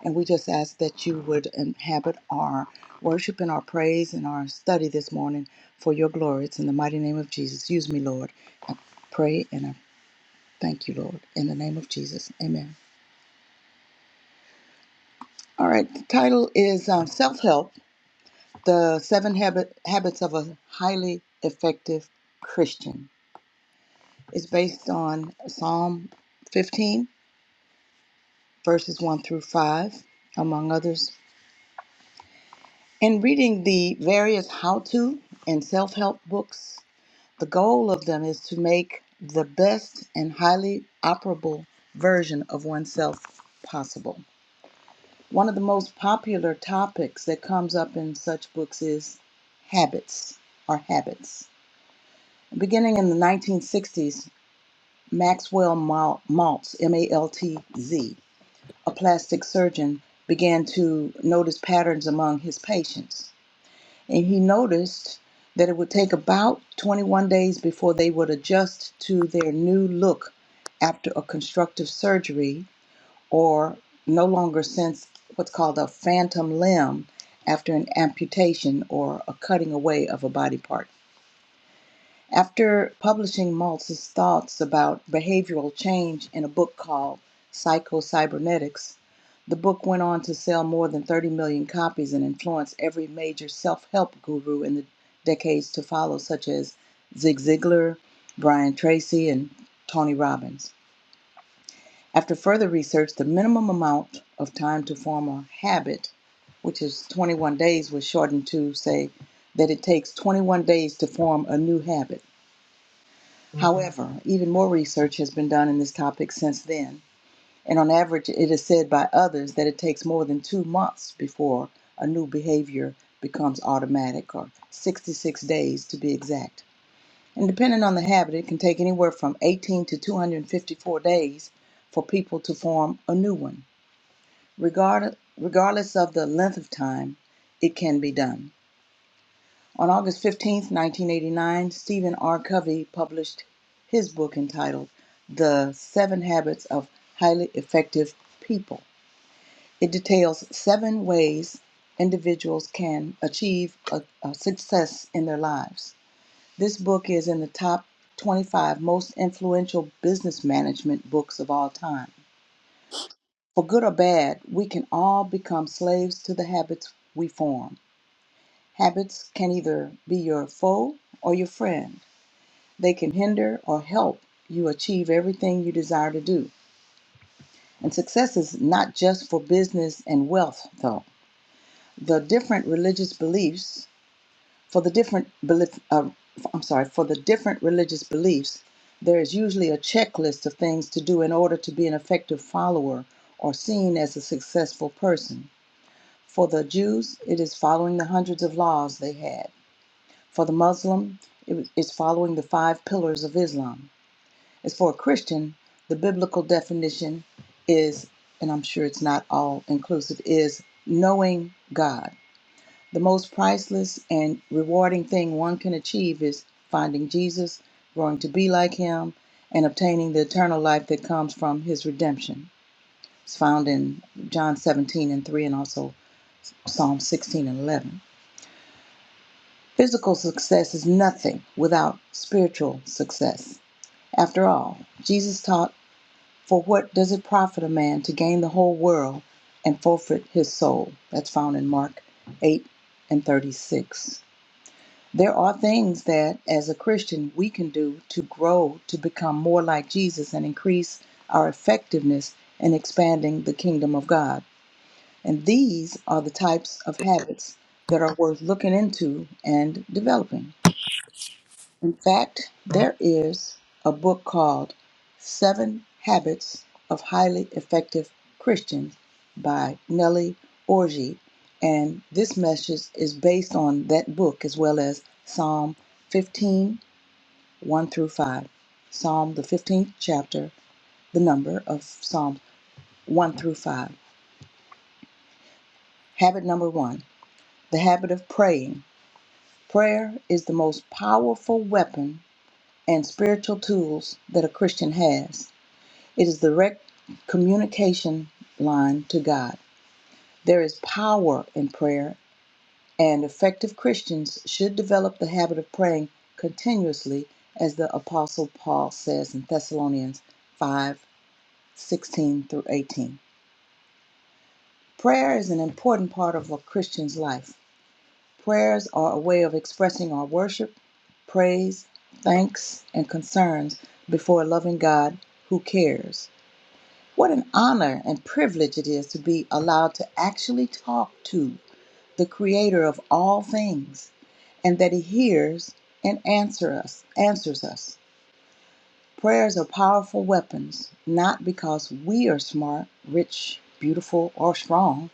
Speaker 3: And we just ask that you would inhabit our worship and our praise and our study this morning for your glory. It's in the mighty name of Jesus. Use me, Lord. Pray and I thank you, Lord. In the name of Jesus. Amen. All right. The title is um, Self Help The Seven Habit, Habits of a Highly Effective Christian is based on Psalm 15, verses 1 through 5, among others. In reading the various how to and self help books, the goal of them is to make the best and highly operable version of oneself possible. One of the most popular topics that comes up in such books is habits or habits. Beginning in the 1960s, Maxwell Mal- Maltz, M A L T Z, a plastic surgeon, began to notice patterns among his patients. And he noticed that it would take about 21 days before they would adjust to their new look after a constructive surgery or no longer sense what's called a phantom limb after an amputation or a cutting away of a body part. After publishing Maltz's thoughts about behavioral change in a book called *Psycho Cybernetics*, the book went on to sell more than 30 million copies and influence every major self help guru in the decades to follow, such as Zig Ziglar, Brian Tracy, and Tony Robbins. After further research, the minimum amount of time to form a habit, which is 21 days, was shortened to say that it takes 21 days to form a new habit. However, even more research has been done in this topic since then, and on average, it is said by others that it takes more than two months before a new behavior becomes automatic, or 66 days to be exact. And depending on the habit, it can take anywhere from 18 to 254 days for people to form a new one. Regard, regardless of the length of time, it can be done. On August fifteenth, 1989, Stephen R. Covey published his book entitled The Seven Habits of Highly Effective People. It details seven ways individuals can achieve a, a success in their lives. This book is in the top 25 most influential business management books of all time. For good or bad, we can all become slaves to the habits we form. Habits can either be your foe or your friend. They can hinder or help you achieve everything you desire to do. And success is not just for business and wealth, though. The different religious beliefs, for the different belief, uh, I'm sorry, for the different religious beliefs, there is usually a checklist of things to do in order to be an effective follower or seen as a successful person. For the Jews, it is following the hundreds of laws they had. For the Muslim, it is following the five pillars of Islam. As for a Christian, the biblical definition is, and I'm sure it's not all inclusive, is knowing God. The most priceless and rewarding thing one can achieve is finding Jesus, growing to be like him, and obtaining the eternal life that comes from his redemption. It's found in John 17 and 3 and also Psalm 16 and 11. Physical success is nothing without spiritual success. After all, Jesus taught For what does it profit a man to gain the whole world and forfeit his soul? That's found in Mark 8 and 36. There are things that, as a Christian, we can do to grow to become more like Jesus and increase our effectiveness in expanding the kingdom of God. And these are the types of habits that are worth looking into and developing. In fact, there is a book called Seven Habits of Highly Effective Christians by Nellie Orji, and this message is based on that book as well as Psalm fifteen, one through 5. Psalm, the 15th chapter, the number of Psalms 1 through 5. Habit number one the habit of praying. Prayer is the most powerful weapon and spiritual tools that a Christian has. It is the direct communication line to God. There is power in prayer, and effective Christians should develop the habit of praying continuously, as the Apostle Paul says in Thessalonians 5 16 through 18. Prayer is an important part of a Christian's life. Prayers are a way of expressing our worship, praise, thanks, and concerns before a loving God who cares. What an honor and privilege it is to be allowed to actually talk to the creator of all things and that he hears and answer us, answers us. Prayers are powerful weapons, not because we are smart, rich, beautiful, or strong,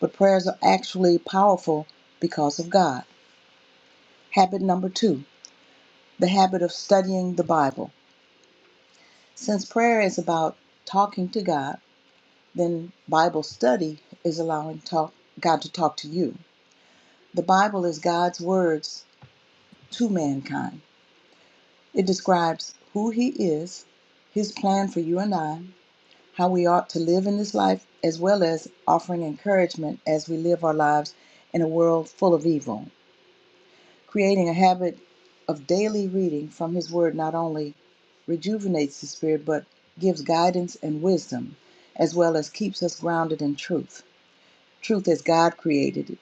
Speaker 3: but prayers are actually powerful because of God. Habit number two, the habit of studying the Bible. Since prayer is about talking to God, then Bible study is allowing talk, God to talk to you. The Bible is God's words to mankind. It describes who He is, His plan for you and I, how we ought to live in this life, as well as offering encouragement as we live our lives in a world full of evil. Creating a habit of daily reading from His Word not only rejuvenates the spirit, but gives guidance and wisdom, as well as keeps us grounded in truth. Truth as God created it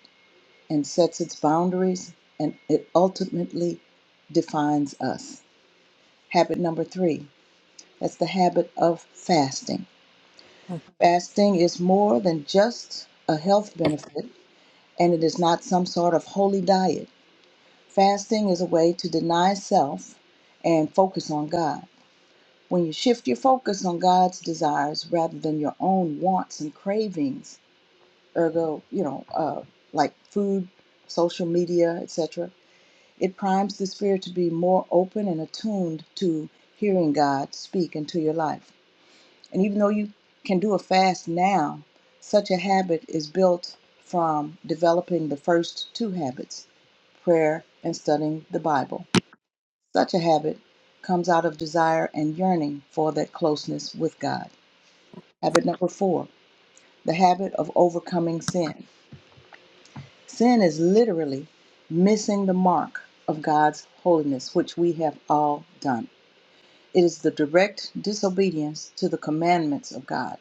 Speaker 3: and sets its boundaries and it ultimately defines us. Habit number three that's the habit of fasting. Fasting is more than just a health benefit and it is not some sort of holy diet. Fasting is a way to deny self and focus on God. When you shift your focus on God's desires rather than your own wants and cravings, ergo, you know, uh, like food, social media, etc., It primes the spirit to be more open and attuned to hearing God speak into your life. And even though you can do a fast now, such a habit is built from developing the first two habits prayer and studying the Bible. Such a habit comes out of desire and yearning for that closeness with God. Habit number four, the habit of overcoming sin. Sin is literally missing the mark of God's holiness, which we have all done. It is the direct disobedience to the commandments of God.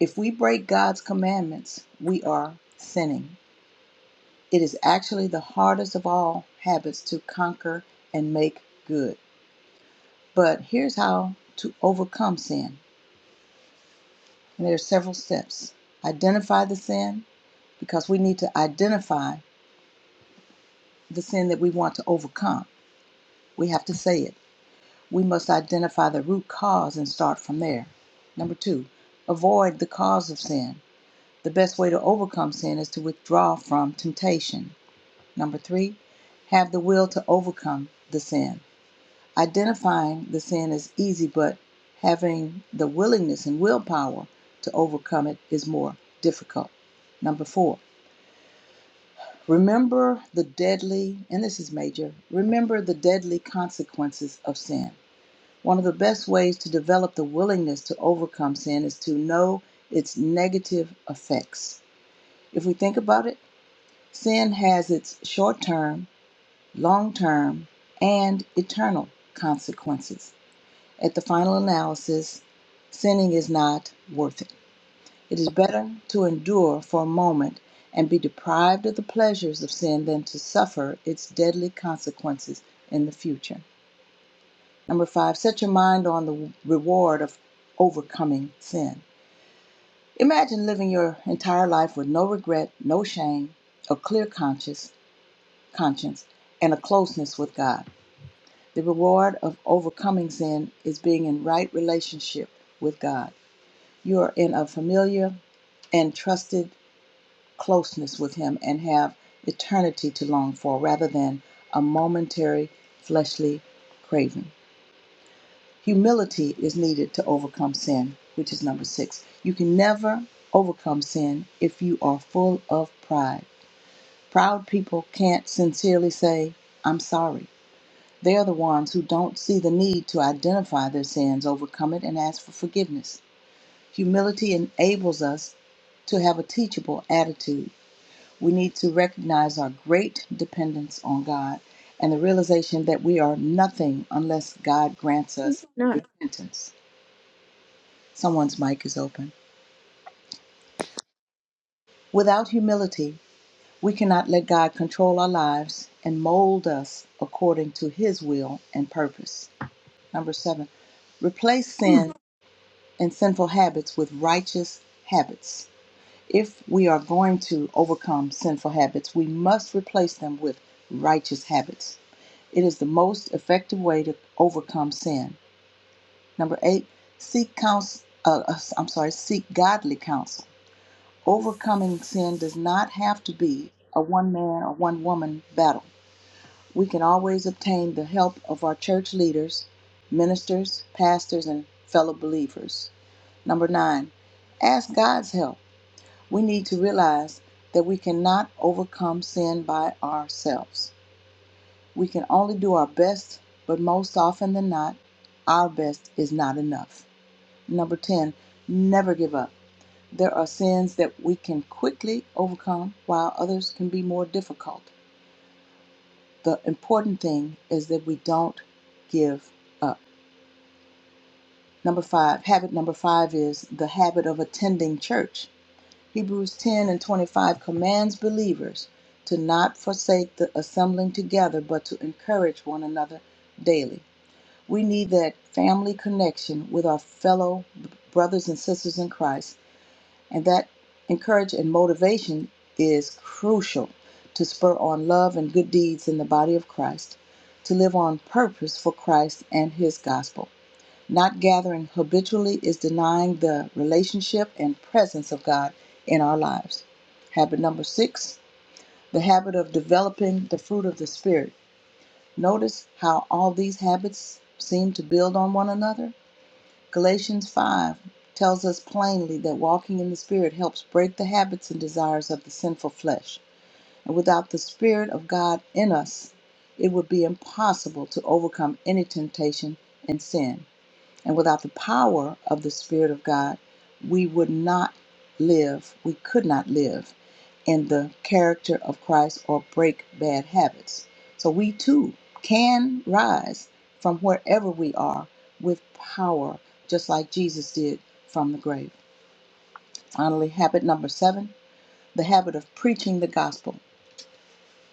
Speaker 3: If we break God's commandments, we are sinning. It is actually the hardest of all habits to conquer and make good. But here's how to overcome sin. And there are several steps. Identify the sin because we need to identify the sin that we want to overcome. We have to say it. We must identify the root cause and start from there. Number two, avoid the cause of sin. The best way to overcome sin is to withdraw from temptation. Number three, have the will to overcome the sin. Identifying the sin is easy, but having the willingness and willpower to overcome it is more difficult. Number four, remember the deadly, and this is major, remember the deadly consequences of sin. One of the best ways to develop the willingness to overcome sin is to know its negative effects. If we think about it, Sin has its short term, long term, and eternal consequences. At the final analysis, sinning is not worth it. It is better to endure for a moment and be deprived of the pleasures of sin than to suffer its deadly consequences in the future. Number five, set your mind on the reward of overcoming sin. Imagine living your entire life with no regret, no shame, a clear conscience, conscience, and a closeness with God. The reward of overcoming sin is being in right relationship with God. You are in a familiar and trusted closeness with Him and have eternity to long for rather than a momentary fleshly craving. Humility is needed to overcome sin, which is number six. You can never overcome sin if you are full of pride. Proud people can't sincerely say, I'm sorry. They're the ones who don't see the need to identify their sins, overcome it, and ask for forgiveness. Humility enables us to have a teachable attitude. We need to recognize our great dependence on God and the realization that we are nothing unless God grants us
Speaker 2: Amen.
Speaker 3: repentance. Someone's mic is open. Without humility, we cannot let God control our lives and mold us according to his will and purpose. Number seven, replace
Speaker 2: Hmm,
Speaker 3: sin and sinful habits with righteous habits. If we are going to overcome sinful habits, we must replace them with righteous habits. It is the most effective way to overcome sin. Number eight, seek counsel. Uh, uh, I'm sorry, seek godly counsel. Overcoming sin does not have to be a one man or one woman battle. We can always obtain the help of our church leaders, ministers, pastors, and fellow believers. Number nine, ask God's help. We need to realize that we cannot overcome sin by ourselves. We can only do our best, but most often than not, our best is not enough. Number 10, never give up. There are sins that we can quickly overcome while others can be more difficult. The important thing is that we don't give up. Number five, habit number five is the habit of attending church. Hebrews 10 and 25 commands believers to not forsake the assembling together, but to encourage one another daily. We need that family connection with our fellow brothers and sisters in Christ, and that encouragement and motivation is crucial to spur on love and good deeds in the body of Christ, to live on purpose for Christ and his gospel. Not gathering habitually is denying the relationship and presence of God in our lives. Habit number six, the habit of developing the fruit of the Spirit. Notice how all these habits seem to build on one another. Galatians 5 tells us plainly that walking in the Spirit helps break the habits and desires of the sinful flesh. And without the Spirit of God in us, it would be impossible to overcome any temptation and sin. And without the power of the Spirit of God, we would not live, we could not live in the character of Christ or break bad habits. So we too can rise from wherever we are with power, just like Jesus did from the grave. Finally, habit number seven the habit of preaching the gospel.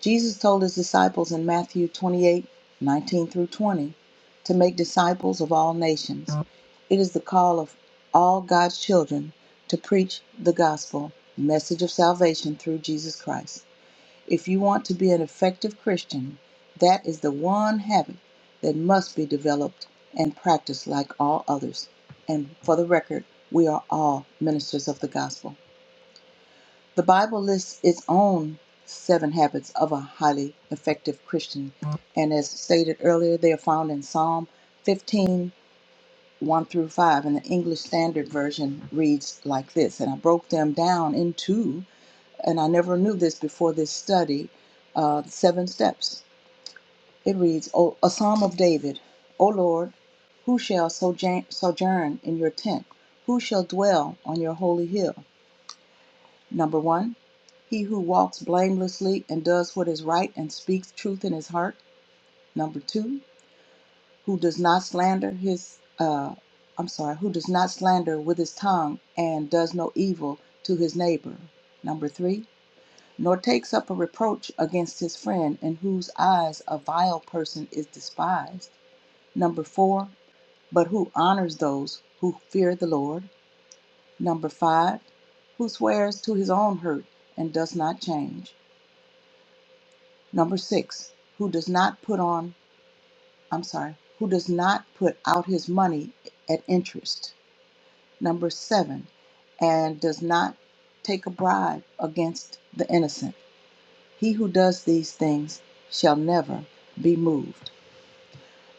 Speaker 3: Jesus told his disciples in Matthew 28:19 through 20 to make disciples of all nations. It is the call of all God's children to preach the gospel, the message of salvation through Jesus Christ. If you want to be an effective Christian, that is the one habit that must be developed and practiced like all others. And for the record, we are all ministers of the gospel. The Bible lists its own seven habits of a highly effective Christian, and as stated earlier, they are found in Psalm 15 one through 5. And the English Standard Version reads like this, and I broke them down into, and I never knew this before this study, uh, seven steps. It reads, o, A Psalm of David, O Lord, who shall sojourn sojourn in your tent? Who shall dwell on your holy hill? Number one, he who walks blamelessly and does what is right and speaks truth in his heart. Number two, who does not slander his, uh, I'm sorry, who does not slander with his tongue and does no evil to his neighbor. Number three, nor takes up a reproach against his friend, in whose eyes a vile person is despised. Number four, but who honors those who fear the Lord. Number five, who swears to his own hurt and does not change. Number six, who does not put on, I'm sorry, who does not put out his money at interest. Number seven, and does not take a bribe against the innocent. He who does these things shall never be moved.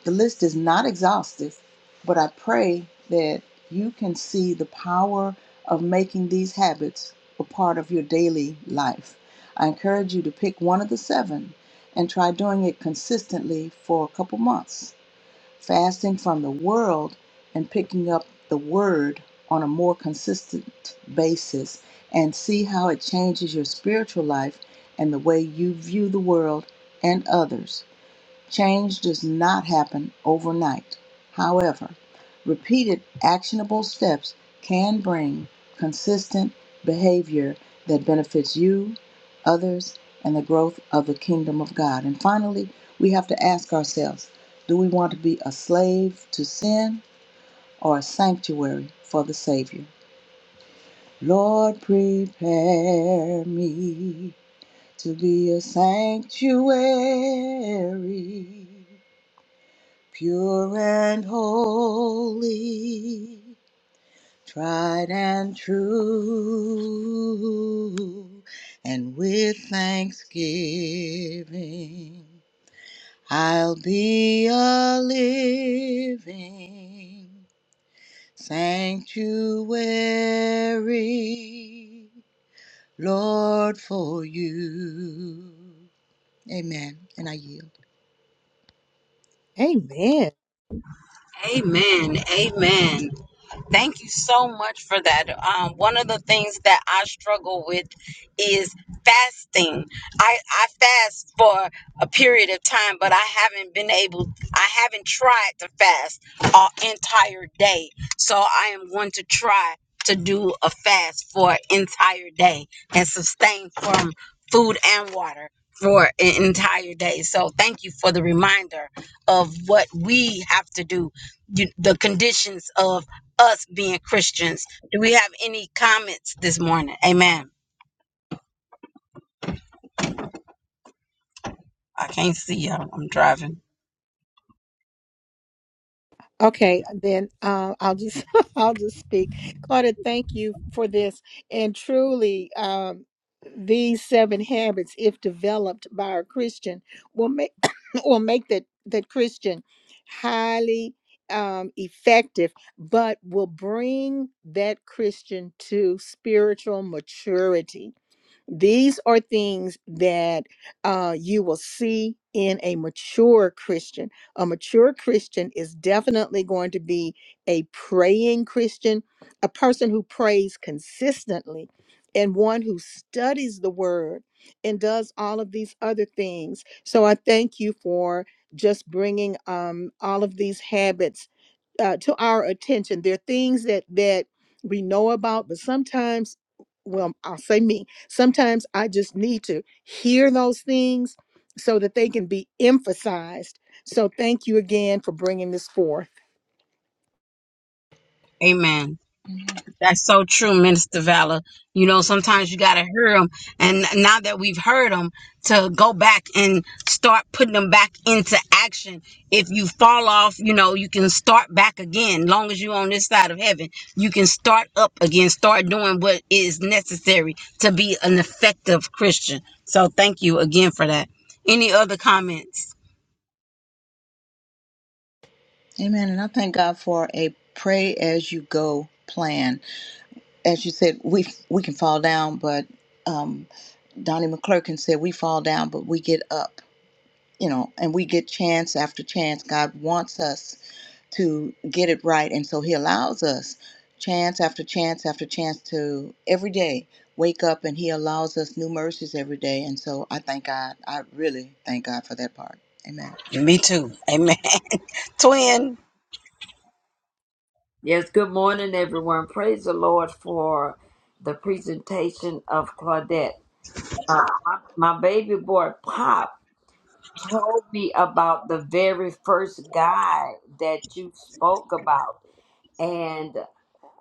Speaker 3: The list is not exhaustive, but I pray that you can see the power of making these habits a part of your daily life. I encourage you to pick one of the seven and try doing it consistently for a couple months, fasting from the world and picking up the word on a more consistent basis, and see how it changes your spiritual life and the way you view the world and others. Change does not happen overnight. However, repeated actionable steps can bring consistent behavior that benefits you, others, and the growth of the kingdom of God. And finally, we have to ask ourselves do we want to be a slave to sin or a sanctuary for the Savior? Lord, prepare me to be a sanctuary pure and holy, tried and true. And with thanksgiving, I'll be a living sanctuary, Lord, for you. Amen. And I yield.
Speaker 2: Amen.
Speaker 1: Amen. Amen. Thank you so much for that. Um, one of the things that I struggle with is fasting. I, I fast for a period of time, but I haven't been able, I haven't tried to fast an entire day. So I am going to try to do a fast for an entire day and sustain from food and water for an entire day. So thank you for the reminder of what we have to do you, the conditions of us being Christians. Do we have any comments this morning? Amen. I can't see y'all. I'm driving.
Speaker 2: Okay, then uh, I'll just I'll just speak. Claudia, thank you for this. And truly, um, these seven habits, if developed by a Christian, will make will make that that Christian highly um, effective, but will bring that Christian to spiritual maturity These are things that uh, you will see in a mature Christian. A mature Christian is definitely going to be a praying Christian, a person who prays consistently, and one who studies the word and does all of these other things. So I thank you for just bringing um, all of these habits uh, to our attention. There are things that that we know about, but sometimes, well, I'll say me. Sometimes I just need to hear those things so that they can be emphasized. So thank you again for bringing this forth.
Speaker 1: Amen. That's so true, Minister Valor. You know, sometimes you gotta hear them, and now that we've heard them, to go back and start putting them back into action. If you fall off, you know you can start back again. Long as you're on this side of heaven, you can start up again. Start doing what is necessary to be an effective Christian. So thank you again for that. Any other comments?
Speaker 3: Amen. And I thank God for a pray as you go plan. as you said, we we can fall down, but um, Donnie McClurkin said we fall down, but we get up. You know, and we get chance after chance. God wants us to get it right, and so He allows us chance after chance after chance to every day wake up, and He allows us new mercies every day. And so I thank God. I really thank God for that part. Amen.
Speaker 1: Me too. Amen. Twin.
Speaker 4: Yes, good morning, everyone. Praise the Lord for the presentation of Claudette. Uh, my, my baby boy, Pop, told me about the very first guy that you spoke about.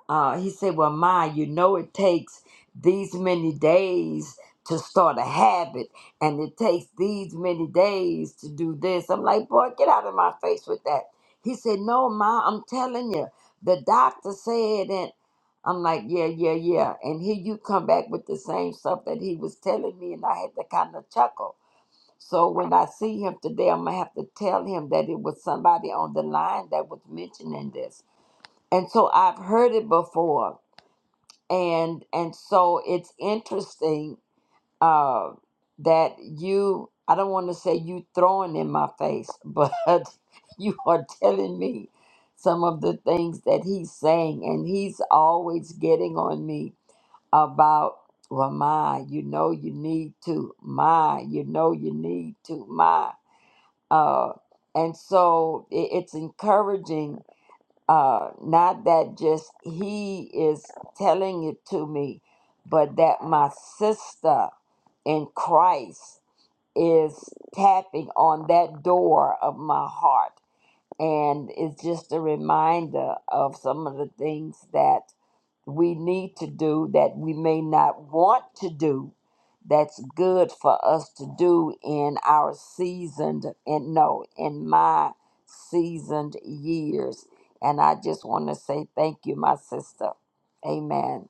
Speaker 4: Uh, he said, Well, my, you know, it takes these many days to start a habit, and it takes these many days to do this. I'm like, Boy, get out of my face with that. He said, No, ma, I'm telling you, the doctor said, and I'm like, Yeah, yeah, yeah. And here you come back with the same stuff that he was telling me, and I had to kind of chuckle. So when I see him today, I'm gonna have to tell him that it was somebody on the line that was mentioning this. And so I've heard it before and and so it's interesting uh, that you I don't want to say you throwing in my face, but you are telling me some of the things that he's saying, and he's always getting on me about well, my you know you need to my you know you need to my uh, and so it, it's encouraging uh, not that just he is telling it to me, but that my sister in Christ is tapping on that door of my heart. And it's just a reminder of some of the things that we need to do that we may not want to do that's good for us to do in our seasoned and no in my seasoned years and i just want to say thank you my sister amen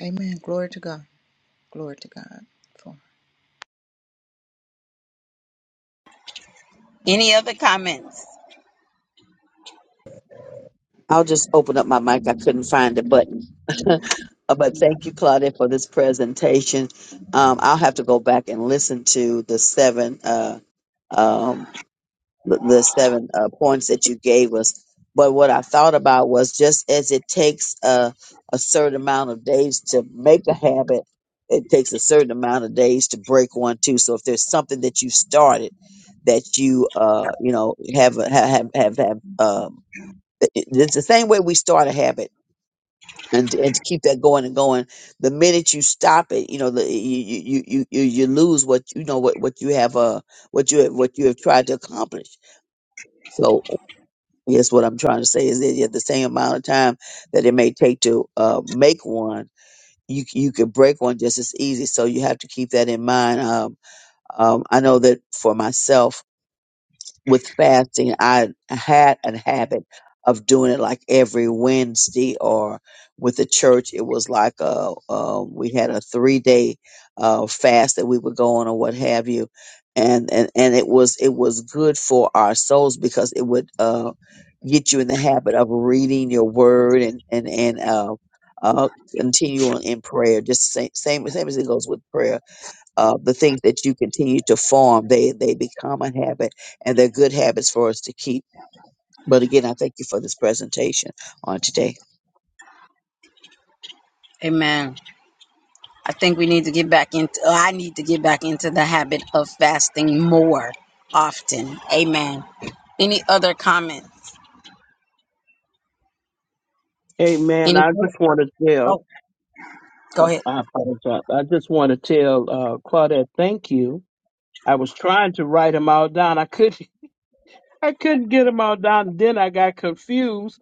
Speaker 3: Amen. Glory to God. Glory to God.
Speaker 1: Any other comments?
Speaker 7: I'll just open up my mic. I couldn't find the button. Uh, but thank you, Claudia, for this presentation. Um, I'll have to go back and listen to the seven. um, the the seven uh, points that you gave us. But what I thought about was just as it takes a, a certain amount of days to make a habit, it takes a certain amount of days to break one too. So if there's something that you started that you uh you know have a- have have have, have um it- it- it's the same way we start a habit and and to keep that going and going the minute you stop it you know the, you, you you you you you lose what you know what what you have uh what you have what you have tried to accomplish so yes, what I'm trying to say is that at the same amount of time that it may take to uh, make one, you c- you could break one just as easy. So you have to keep that in mind. Um, um, I know that for myself, with fasting, I had a habit of doing it like every Wednesday or with the church. It was like a, uh, we had a three day uh, fast that we would go on or what have you. And, and, and it was, it was good for our souls because it would, uh, get you in the habit of reading your word and, and, and, uh, uh, continue on in prayer. Just the same, same, same as it goes with prayer uh, the things that you continue to form, they they become a habit, and they're good habits for us to keep. But again, I thank you for this presentation on today.
Speaker 1: Amen. I think we need to get back into, oh, I need to get back into the habit of fasting more often. Amen. Any other comments?
Speaker 8: Amen.
Speaker 1: Any,
Speaker 8: I just want to tell
Speaker 1: oh, go
Speaker 8: Oh,
Speaker 1: ahead.
Speaker 8: I apologize. I just want to tell uh, Claudette, thank you. I was trying to write them all down. I couldn't. I couldn't get them all down. Then I got confused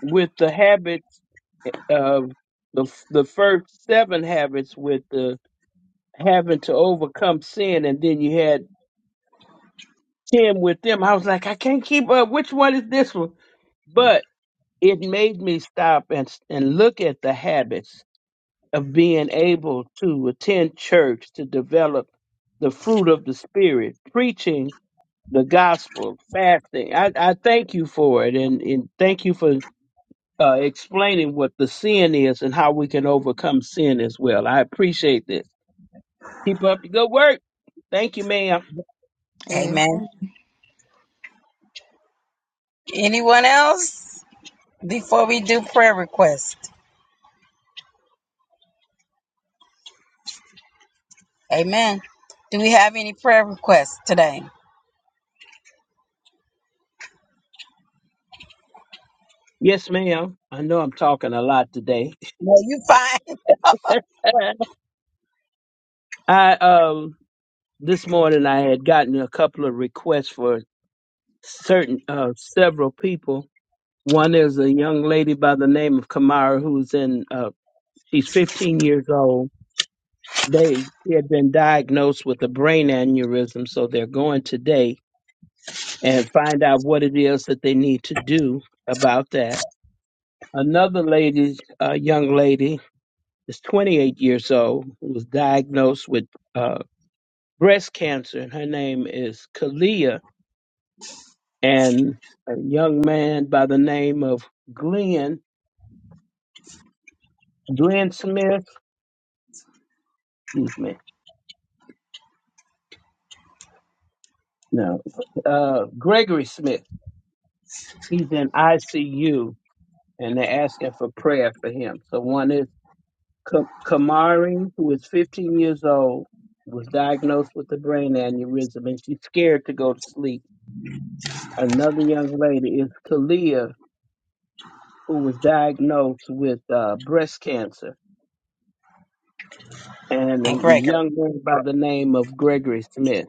Speaker 8: with the habits eh, of the f- the first seven habits with the having to overcome sin, and then you had ten with them. I was like, I can't keep up. Which one is this one? But it made me stop and and look at the habits of being able to attend church to develop the fruit of the spirit preaching the gospel fasting i, I thank you for it and, and thank you for uh, explaining what the sin is and how we can overcome sin as well i appreciate this keep up the good work thank you ma'am
Speaker 3: Amen.
Speaker 1: Amen. Anyone else before we do prayer requests? Amen. Do we have any prayer requests today?
Speaker 8: yes ma'am i know i'm talking a lot today
Speaker 1: No, you fine.
Speaker 8: i um this morning i had gotten a couple of requests for certain uh several people One is a young lady by the name of Kamara, who's in, uh, she's 15 years old. They she had been diagnosed with a brain aneurysm, so they're going today and find out what it is that they need to do about that. Another lady, a young lady, is 28 years old, who was diagnosed with uh, breast cancer, and her name is Kalia. And a young man by the name of Glenn, Glenn Smith, excuse me No. Uh, Gregory Smith. He's in ICU, and they're asking for prayer for him. So one is Ka- Kamari, who is 15 years old, was diagnosed with a brain aneurysm, and she's scared to go to sleep. Another young lady is Kalia, who was diagnosed with uh, breast cancer, and a
Speaker 1: And Gregory.
Speaker 8: young man by the name of Gregory Smith,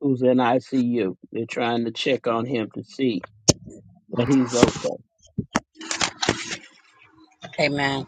Speaker 8: who's in ICU. They're trying to check on him to see that he's okay.
Speaker 1: Amen.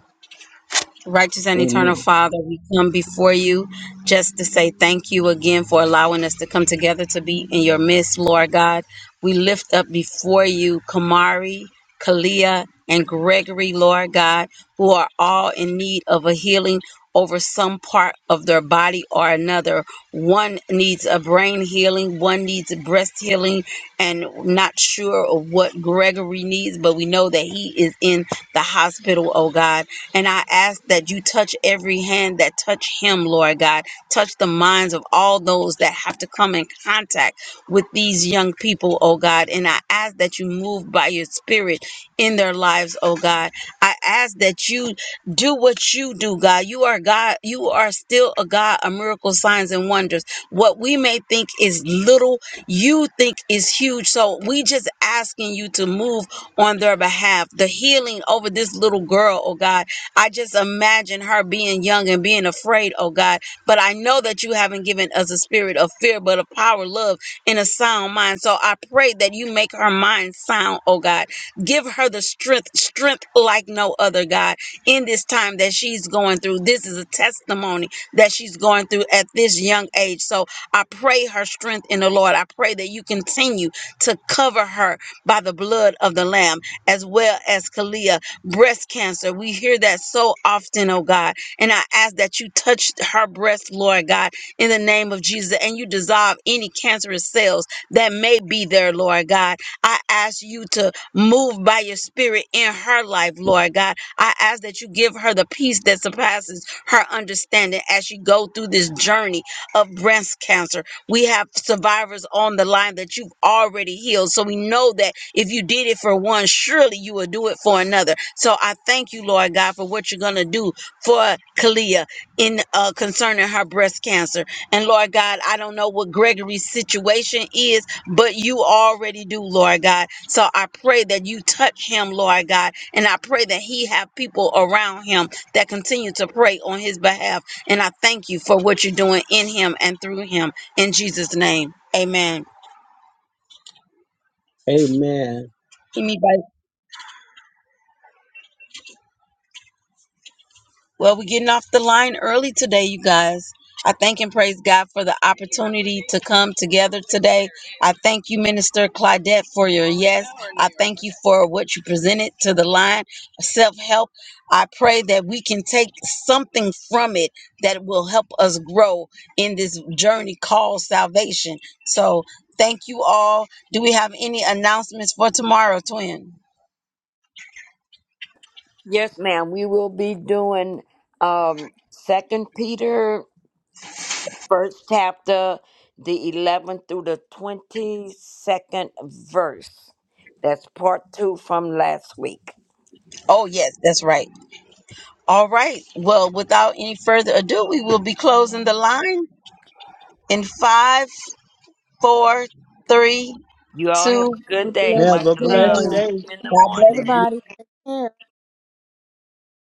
Speaker 1: Righteous and eternal
Speaker 8: Amen.
Speaker 1: Father, we come before you just to say thank you again for allowing us to come together to be in your midst, Lord God. We lift up before you Kamari, Kalia, and Gregory, Lord God, who are all in need of a healing over some part of their body or another. One needs a brain healing, one needs breast healing, and not sure of what Gregory needs, but we know that he is in the hospital, oh God. And I ask that you touch every hand that touch him, Lord God. Touch the minds of all those that have to come in contact with these young people, oh God. And I ask that you move by your spirit in their lives, oh God. I ask that you do what you do, God. You are God. You are still a God of miracles, signs, and wonders. What we may think is little, you think is huge. So we just asking you to move on their behalf. The healing over this little girl, oh God I just imagine her being young and being afraid, oh God. But I know that you haven't given us a spirit of fear, but of power, love, and a sound mind. So I pray that you make her mind sound, oh God. Give her the strength, strength like no other, God, in this time that she's going through. This is a testimony that she's going through at this young age. So I pray her strength in the Lord. I pray that you continue to cover her by the blood of the Lamb, as well as Kalia breast cancer. We hear that so often, oh God. And I ask that you touch her breast, Lord God, in the name of Jesus, and you dissolve any cancerous cells that may be there, Lord God. I ask you to move by your spirit in her life, Lord God. I ask that you give her the peace that surpasses her understanding as she go through this journey of breast cancer. We have survivors on the line that you've already healed. So we know that if you did it for one, surely you will do it for another. So I thank you, Lord God, for what you're going to do for Kalia in uh, concerning her breast cancer. And Lord God, I don't know what Gregory's situation is, but you already do, Lord God. So I pray that you touch him, Lord God, and I pray that he have people around him that continue to pray on his behalf. And I thank you for what you're doing in him and through him in Jesus' name. Amen.
Speaker 8: Amen.
Speaker 1: Anybody? Well, we're getting off the line early today, you guys. I thank and praise God for the opportunity to come together today. I thank you, Minister Claudette, for your yes. I thank you for what you presented to the line, self help. I pray that we can take something from it that will help us grow in this journey called salvation. So, thank you all. Do we have any announcements for tomorrow, twin?
Speaker 4: yes ma'am we will be doing um second peter first chapter the 11th through the 22nd verse that's part two from last week
Speaker 1: Oh, yes, that's right. All right. Well, without any further ado, we will be closing the line in five, four, three,
Speaker 4: You all have
Speaker 1: two,
Speaker 4: a
Speaker 3: Have a
Speaker 4: good day.
Speaker 8: Have
Speaker 3: blessed
Speaker 4: Much
Speaker 8: a
Speaker 3: day,
Speaker 4: love.
Speaker 3: you
Speaker 8: blessed
Speaker 3: all.
Speaker 1: one.
Speaker 4: See
Speaker 8: day.
Speaker 4: you in the
Speaker 1: God bless.
Speaker 4: morning.
Speaker 2: Everybody. take care.